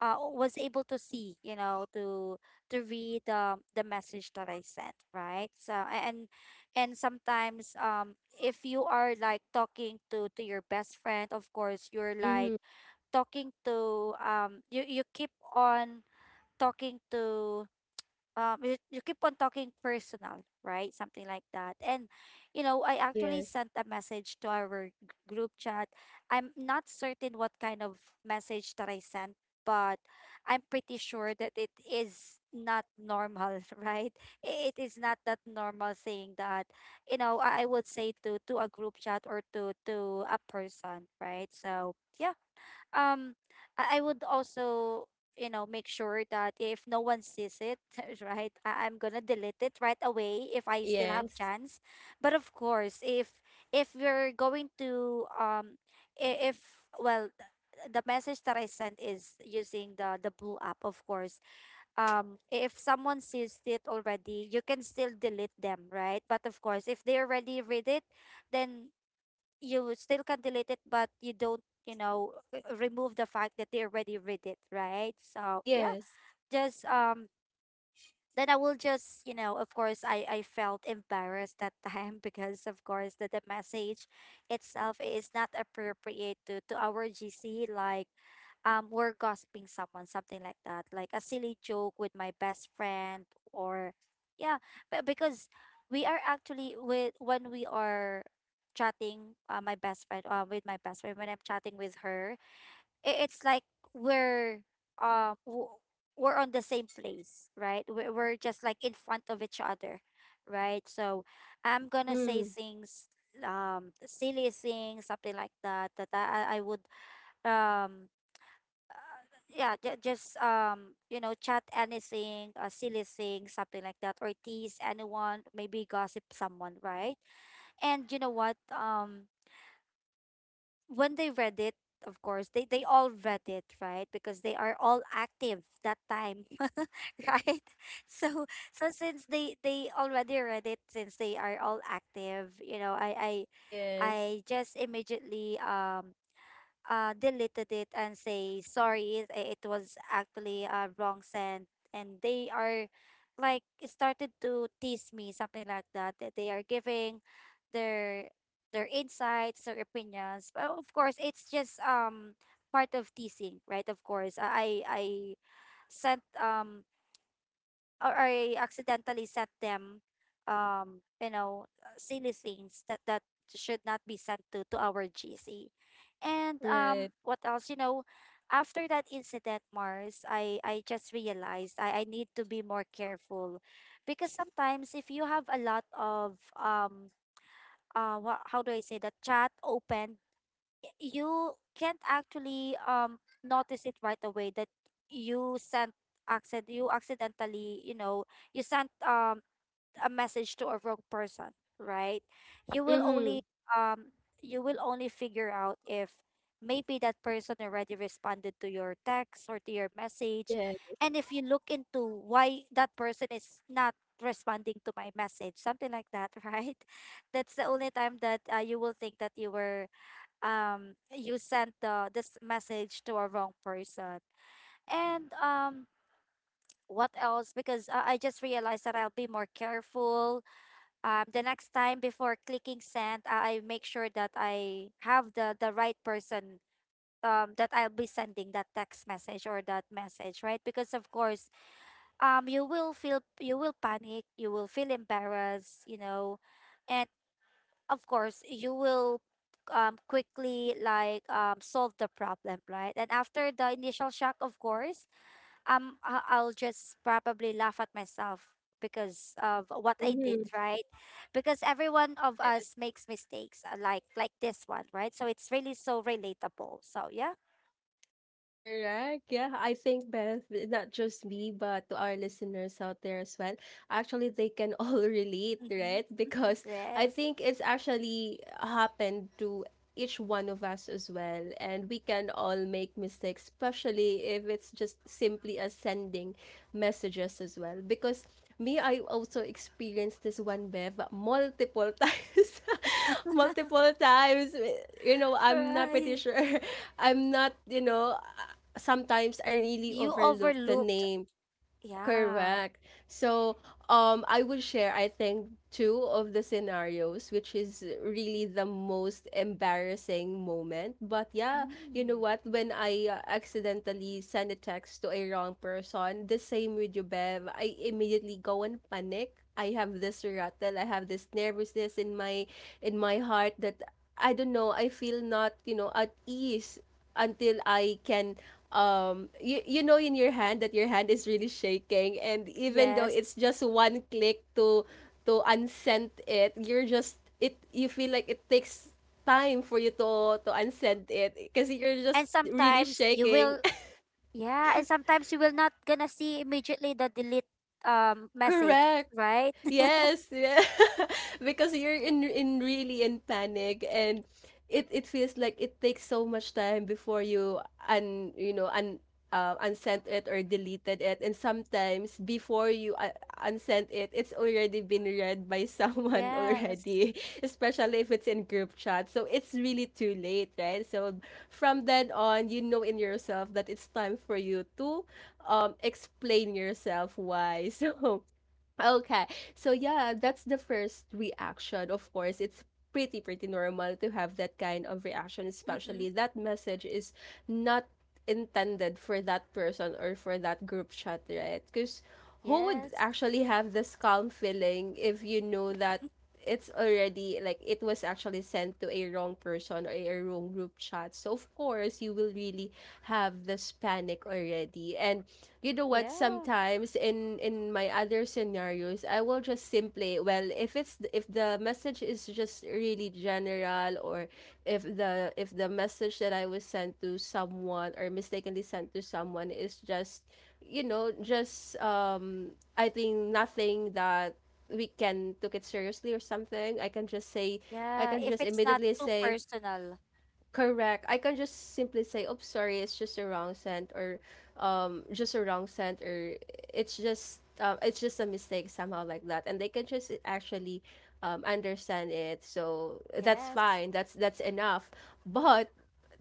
S2: was able to see, you know, to read, the message that I sent, right? So and sometimes, if you are, like, talking to your best friend, of course you're like
S1: Mm-hmm.
S2: talking to, you keep on talking to, you keep on talking personal, right? Something like that. And you know, I actually
S1: Yes.
S2: sent a message to our group chat. I'm not certain what kind of message that I sent, but I'm pretty sure that it is not normal, right? It is not that normal thing that, you know, I would say to a group chat, or to a person, right? So yeah. um I would also, you know, make sure that if no one sees it, right? I'm gonna delete it right away if I still have
S1: Yes.
S2: chance. But of course, if we're going to I- if well th- the message that I sent is using the blue app. Of course, if someone sees it already, you can still delete them, right? But of course, if they already read it, then you still can delete it, but you don't, you know, remove the fact that they already read it, right? So yeah,
S1: Yes.
S2: just then I will just, you know, of course, I felt embarrassed that time, because of course, that the message itself is not appropriate to our GC. Like, we're gossiping someone, something like that, like a silly joke with my best friend, or yeah, but because we are actually with, when we are chatting, my best friend, with my best friend, when I'm chatting with her, it's like we're um w- we're on the same place, right? We're just like in front of each other, right? So I'm gonna say
S1: Mm-hmm.
S2: things, silly things, something like that, that I would, um yeah, ju- just you know, chat anything, a silly thing, something like that, or tease anyone, maybe gossip someone, right? And you know what, when they read it, of course, they all read it, right? Because they are all active that time, right? So so since they already read it, since they are all active, you know, I I
S1: Yes.
S2: I just immediately, deleted it and say sorry. It was actually a wrong send, and they are like started to tease me, something like that. That they are giving their their insights, their opinions. But of course, it's just part of teasing, right? Of course, I sent, or I accidentally sent them, you know, silly things that should not be sent to our GC. And
S1: Right.
S2: what else? You know, after that incident, Mars, I just realized I need to be more careful, because sometimes if you have a lot of, how do I say, that chat open, you can't actually notice it right away that you sent accident you accidentally, you know, you sent, a message to a wrong person, right? you will only
S1: Mm-hmm.
S2: um you will only figure out if maybe that person already responded to your text or to your message,
S1: Yeah.
S2: and if you look into why that person is not responding to my message, something like that, right? That's the only time that, you will think that you sent the this message to a wrong person. And what else? Because I just realized that I'll be more careful, the next time, before clicking send, I make sure that I have the right person, that I'll be sending that text message or that message, right? Because of course, you will feel, you will panic, you will feel embarrassed, you know. And of course, you will quickly, like, solve the problem, right? And after the initial shock, of course, I'll just probably laugh at myself because of what I did,
S1: Mm-hmm.
S2: right? Because everyone of
S1: Yeah.
S2: us makes mistakes, like this one, right? So it's really so relatable. So yeah.
S1: Correct. Yeah, I think Beth, not just me, but to our listeners out there as well, actually they can all relate,
S2: Hmm.
S1: right? Because I
S2: Yes.
S1: think it's actually happened to each one of us as well, and we can all make mistakes, especially if it's just simply as sending messages as well. Because me, I also experienced this one, Bev, multiple times, multiple times. You know, I'm not pretty
S2: Right.
S1: sure. I'm not, you know sometimes I really
S2: You
S1: overlook the
S2: overlooked.
S1: name.
S2: Yeah.
S1: Correct. So, I will share, I think, two of the scenarios, which is really the most embarrassing moment. But yeah, you know
S2: Mm.
S1: what? When I accidentally send a text to a wrong person, the same with you, Bev, I immediately go and panic. I have this rattle, I have this nervousness in my, heart, that I don't know, I feel not, at ease until I can, in your hand that your hand is really shaking, and even though it's
S2: Yes.
S1: just one click to unsend it, you feel like it takes time for you to unsend it, kasi you're
S2: and
S1: just really
S2: sometimes you
S1: shaking.
S2: will Yeah, and sometimes you will not gonna see immediately the delete message,
S1: Correct.
S2: right?
S1: Yes, yeah. Because you're in really in panic, and it feels like it takes so much time before you un you know un unsent it or deleted it. And sometimes before you unsent it, it's already been read by someone
S2: Yes.
S1: already, especially if it's in group chat, so it's really too late, right? So from then on you know in yourself that it's time for you to explain yourself why. So okay. So yeah, that's the first reaction. Of course, it's pretty normal to have that kind of reaction,
S2: Mm-hmm.
S1: especially that message is not intended for that person or for that group chat, right? Cuz who would
S2: Yes.
S1: actually have this calm feeling if you know that it's already like it was actually sent to a wrong person or a wrong group chat. So of course, you will really have this panic already. And you know what,
S2: Yeah.
S1: sometimes in my other scenarios, I will just simply, well, if it's if the message is just really general, or if the message that I was sent to someone or mistakenly sent to someone is just you know just um I think nothing that we can took it seriously or something, I can just say, I
S2: Yeah.
S1: can
S2: If
S1: just
S2: it's not
S1: immediately
S2: too
S1: say,
S2: personal.
S1: correct. I can just simply say, "Oh, sorry, it's just a wrong scent," or just a wrong scent, or it's just a mistake somehow like that, and they can just actually understand it. So that's
S2: Yes.
S1: fine. That's enough. But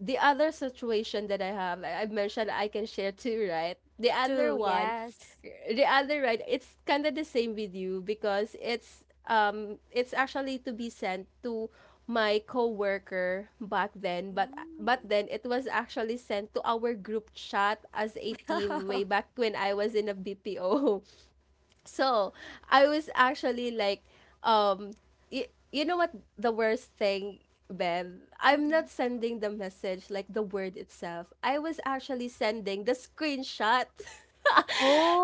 S1: the other situation that I have, I've mentioned I can share too, right? The other
S2: Too.
S1: one,
S2: Yes.
S1: the other, right, it's kind of the same with you because it's actually to be sent to my coworker back then, but
S2: Mm.
S1: then it was actually sent to our group chat as a team way back when I was in a BPO. So I was actually like, um you know what the worst thing, Bev, I'm
S2: Mhm.
S1: not sending the message like the word itself, I was actually sending the screenshot.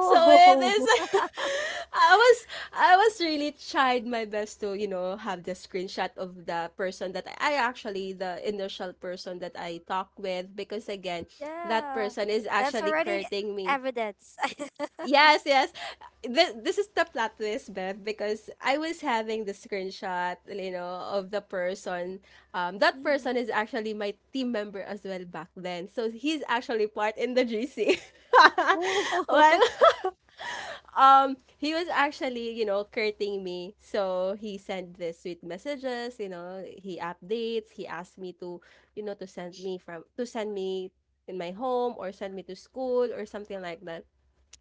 S1: So it is, I was, I was really tried my best to, you know, have the screenshot of the person that I actually the initial person that I talk with, because again, that
S2: yeah.
S1: person is
S2: That's
S1: actually
S2: already
S1: courting me.
S2: evidence.
S1: Yes, yes. This is the plot twist, Beth, because I was having the screenshot, you know, of the person. That
S2: Mhm.
S1: person is actually my team member as well back then. So he's actually part in the GC. Well,
S2: Oh,
S1: he was actually, you know, courting me. So he sent the sweet messages, you know, he updates, he asked me to, you know, to send me from to send me in my home or send me to school or something like that.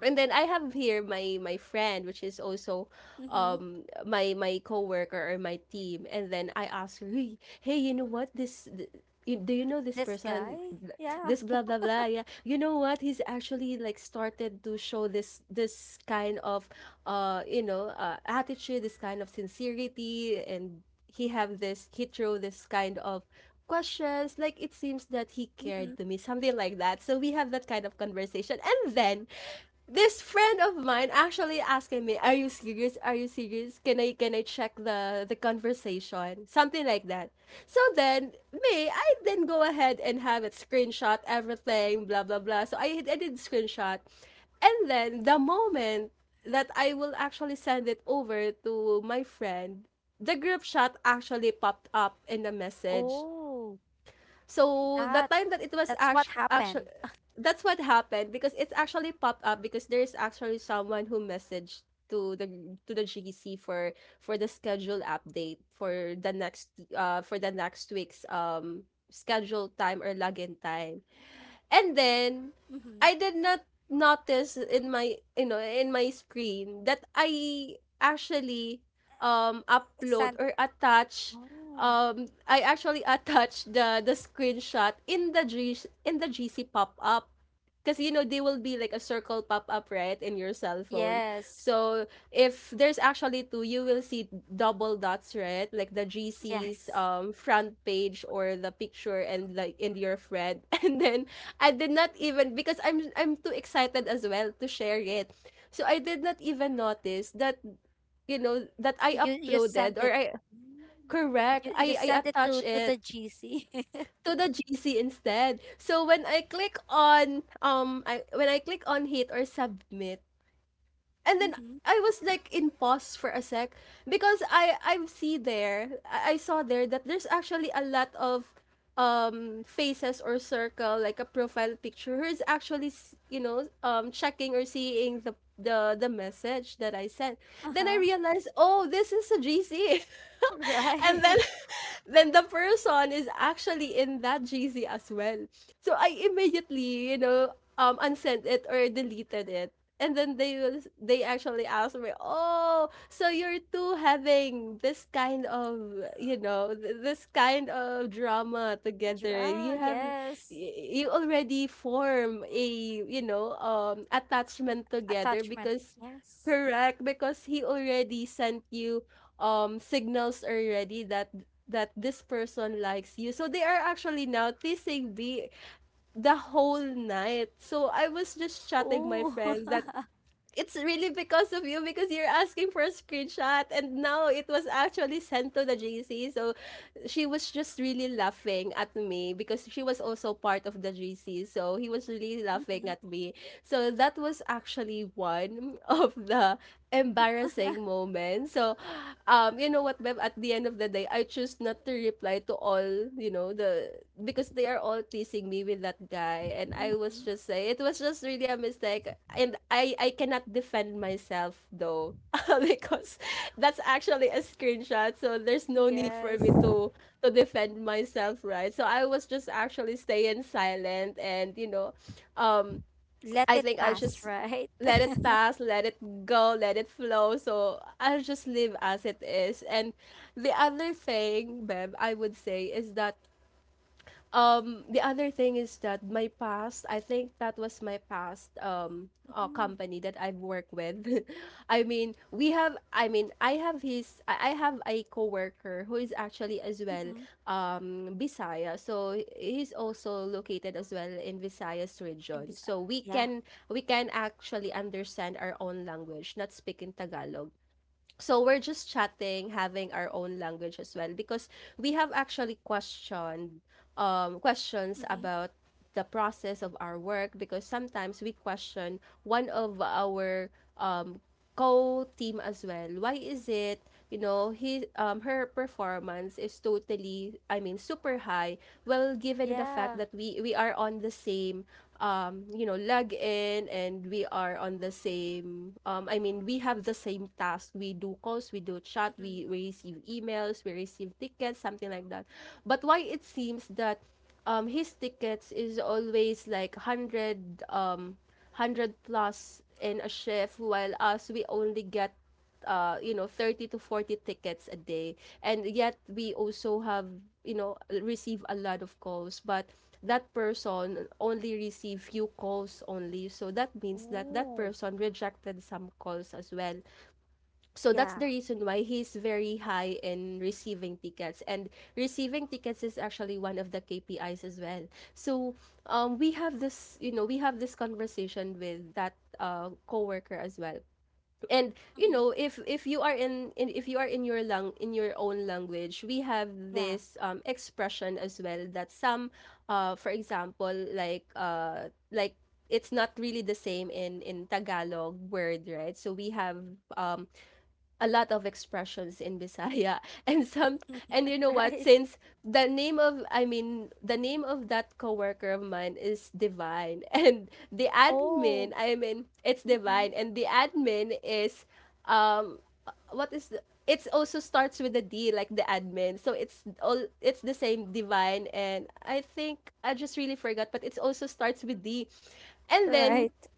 S1: And then I have here my friend, which is also
S2: mm-hmm.
S1: my coworker or my team. And then I asked her, "Hey, hey, you know what? This you- do you know this
S2: This guy?
S1: person?
S2: Yeah.
S1: This blah blah blah." Yeah, you know what? He's actually like started to show this kind of attitude, this kind of sincerity, and he have this, he throw this kind of questions like it seems that he
S2: Mm-hmm.
S1: cared to me something like that. So we have that kind of conversation, and then this friend of mine actually asking me, "Are you serious? Are you serious? Can I check the conversation?" Something like that. So then me, I then go ahead and have it screenshot everything, blah blah blah. So I did screenshot, and then the moment that I will actually send it over to my friend, the group chat actually popped up in the message.
S2: Oh,
S1: So the
S2: that
S1: time that it was
S2: that's what
S1: actually, actually
S2: happened.
S1: that's what happened, because it's actually popped up because there's actually someone who messaged to the to the GC for the schedule update for the next week's schedule time or login time. And then
S2: Mm-hmm.
S1: I did not notice in my, you know, in my screen that I actually upload
S2: Sent.
S1: or attach,
S2: Oh.
S1: I actually attach the screenshot in the G in the GC pop-up, because you know they will be like a circle pop-up, right, in your cell phone.
S2: Yes.
S1: So if there's actually two, you will see double dots, right? Like the GC's
S2: Yes.
S1: front page or the picture and like in your friend. And then I did not even, because I'm too excited as well to share it. So I did not even notice that, you know, that I
S2: You sent
S1: uploaded
S2: it.
S1: or I,
S2: Mm.
S1: correct,
S2: You
S1: I
S2: sent it
S1: attach
S2: to the
S1: it
S2: GC.
S1: to the GC instead. So when I click on I when I click on hit or submit, and then
S2: Mm-hmm.
S1: I was like in pause for a sec, because I see there, I saw there that there's actually a lot of faces or circle like a profile picture who is actually checking or seeing the the message that I sent. Then I
S2: Uh-huh.
S1: realized, oh, this is a GC. And then
S2: Right.
S1: then the person is actually in that GC as well. So I immediately, you know, unsent it or deleted it. And then they will, they actually asked me, "Oh, so you're too having this kind of, you know, this kind of drama together.
S2: Draw,
S1: You have
S2: yes.
S1: you already form a, you know, attachment together
S2: Attachment.
S1: because,"
S2: Yes.
S1: correct, because he already sent you signals already that that this person likes you. So they are actually now teasing me the whole night. So I was just chatting my
S2: Oh.
S1: friend that it's really because of you, because you're asking for a screenshot and now it was actually sent to the GC. So she was just really laughing at me because she was also part of the GC. So he was really laughing
S2: Mm-hmm.
S1: at me. So that was actually one of the embarrassing moments. So you know what, Bev, at the end of the day, I choose not to reply to all, you know, the, because they are all teasing me with that guy and I was
S2: Mm-hmm.
S1: just saying it was just really a mistake, and I cannot defend myself though, because that's actually a screenshot, so there's no need for
S2: Yes.
S1: me to defend myself, right? So I was just actually staying silent and, you know, um
S2: Let
S1: I
S2: it
S1: think I'll
S2: pass,
S1: just
S2: right?
S1: let it pass, let it go, let it flow. So I'll just live as it is. And the other thing, Bev, I would say is that the other thing is that my past, I think that was my past
S2: Mm-hmm.
S1: company that I've worked with. I mean, we have, I mean, I have his, I have a coworker who is actually as well
S2: Mm-hmm.
S1: Visaya. So he's also located as well in Visayas
S2: And
S1: region.
S2: besides,
S1: So
S2: yeah.
S1: we can actually understand our own language, not speaking Tagalog. So we're just chatting, having our own language as well, because we have actually questioned, questions
S2: Mm-hmm.
S1: about the process of our work, because sometimes we question one of our um, co-team as well. Why is it, you know, he, her performance is totally, I mean, super high. Well, given the fact
S2: Yeah.
S1: that we are on the same, you know, log in and we are on the same, I mean, we have the same task. We do calls, we do chat,
S2: Hmm.
S1: we receive emails, we receive tickets, something like that. But why it seems that his tickets is always like 100, 100 plus in a shift, while us, we only get, 30 to 40 tickets a day, and yet we also have you know receive a lot of calls. But that person only received few calls only, so that means that that
S2: Oh.
S1: person rejected some calls as well. So that's
S2: Yeah.
S1: the reason why he's very high in receiving tickets, and receiving tickets is actually one of the KPIs as well. So we have this we have this conversation with that coworker as well. And you
S2: Mm-hmm.
S1: know, if you are in if you are in your lang in your own language, we have
S2: Yeah.
S1: this expression as well, that some for example, like like, it's not really the same in Tagalog word, right? So we have um a lot of expressions in Bisaya and some. And you know what,
S2: Right.
S1: since the name of, the name of that coworker of mine is Divine and the admin,
S2: Oh,
S1: I mean, it's
S2: mhm.
S1: Divine and the admin is, um what is the, it's also starts with a D like the admin, so it's all, it's the same Divine, and I think I just really forgot, but it's also starts with D. And then,
S2: Right.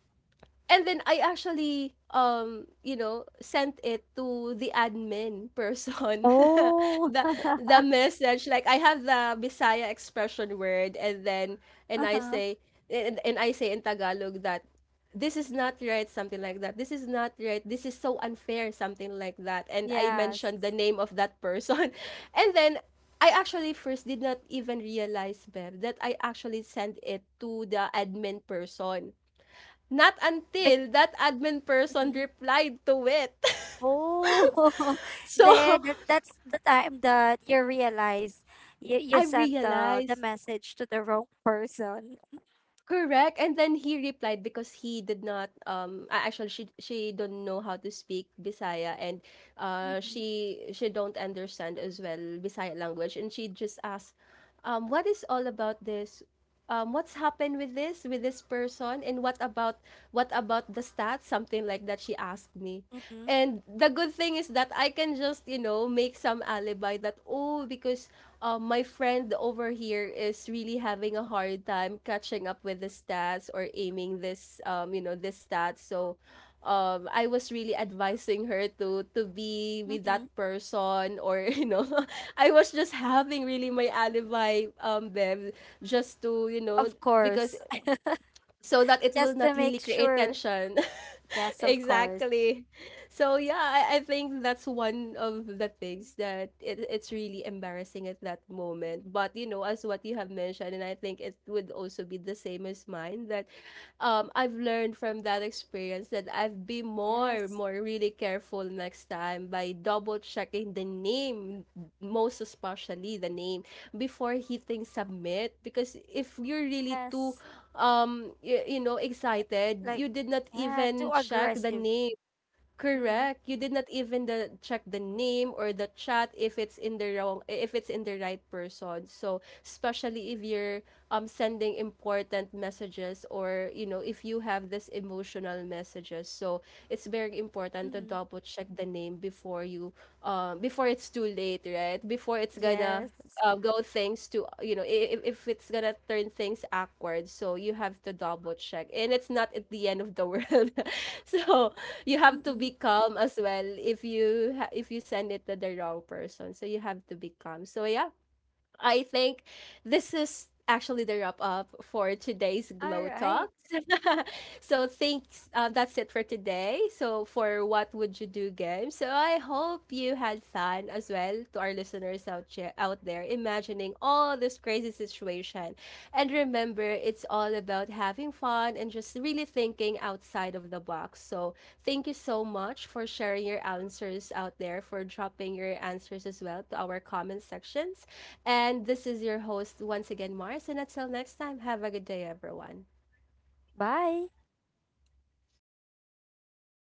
S1: and then I actually sent it to the admin person.
S2: Oh.
S1: the the message, like I have the Bisaya expression word. And then, and I
S2: Uh-huh.
S1: say, and I say in Tagalog that this is not right, something like that. This is not right, this is so unfair, something like that, and I
S2: Yes.
S1: mentioned the name of that person. And then I actually first did not even realize, Bev, that I actually sent it to the admin person. Not
S2: Bec
S1: until that admin person
S2: Mhm.
S1: replied to it.
S2: Oh, there,
S1: So,
S2: that's the time that you realize you
S1: I
S2: sent the
S1: realized.
S2: message to the wrong person.
S1: Correct. And then he replied, because he did not, actually, she don't know how to speak Bisaya, and uh
S2: Mm-hmm.
S1: she she don't understand as well Bisaya language, and she just asked, what is all about this? What's happened with this, with this person, and what about, what about the stats, something like that, she asked me.
S2: Mm-hmm.
S1: And the good thing is that I can just, you know, make some alibi, that oh, because my friend over here is really having a hard time catching up with the stats, or aiming this, this stats. So I was really advising her to be with
S2: Mm-hmm.
S1: that person, or you know, I was just having really my alibi, them, just to, you know,
S2: Of
S1: because,
S2: course.
S1: so that it will
S2: Just
S1: not
S2: to
S1: really
S2: make
S1: create
S2: sure.
S1: tension.
S2: Yes, of course.
S1: Exactly. So yeah, I think that's one of the things that, it's really embarrassing at that moment. But you know, as what you have mentioned, and I think it would also be the same as mine, that I've learned from that experience that I've be
S2: Yes.
S1: more really careful next time by double checking the name, most especially the name before hitting submit. Because if you're really too,
S2: Yes.
S1: you know, excited,
S2: Like,
S1: you did not
S2: yeah,
S1: even
S2: too
S1: check the
S2: aggressive.
S1: name.
S2: Mm-hmm.
S1: Correct. You did not even check the name or the chat if it's in the wrong, if it's in the right person. So, especially if you're sending important messages, or you know, if you have this emotional messages. So, it's very important to
S2: Mm-hmm.
S1: double check the name before you, before it's too late, right? Before it's gonna,
S2: Yes.
S1: go things to, you know, if it's gonna turn things awkward, so you have to double check, and it's not at the end of the world. So you have to
S2: Mm-hmm.
S1: be calm as well, if you if you send it to the wrong person, so you have to be calm. So yeah, I think this is actually the wrap up for today's
S2: All
S1: Glow
S2: right.
S1: Talks. So thanks. That's it for today. So for What Would You Do game. So I hope you had fun as well, to our listeners out out there, imagining all this crazy situation. And remember, it's all about having fun and just really thinking outside of the box. So thank you so much for sharing your answers out there, for dropping your answers as well to our comment section. And this is your host once again, Mars. And until next time, have a good day, everyone.
S2: Bye.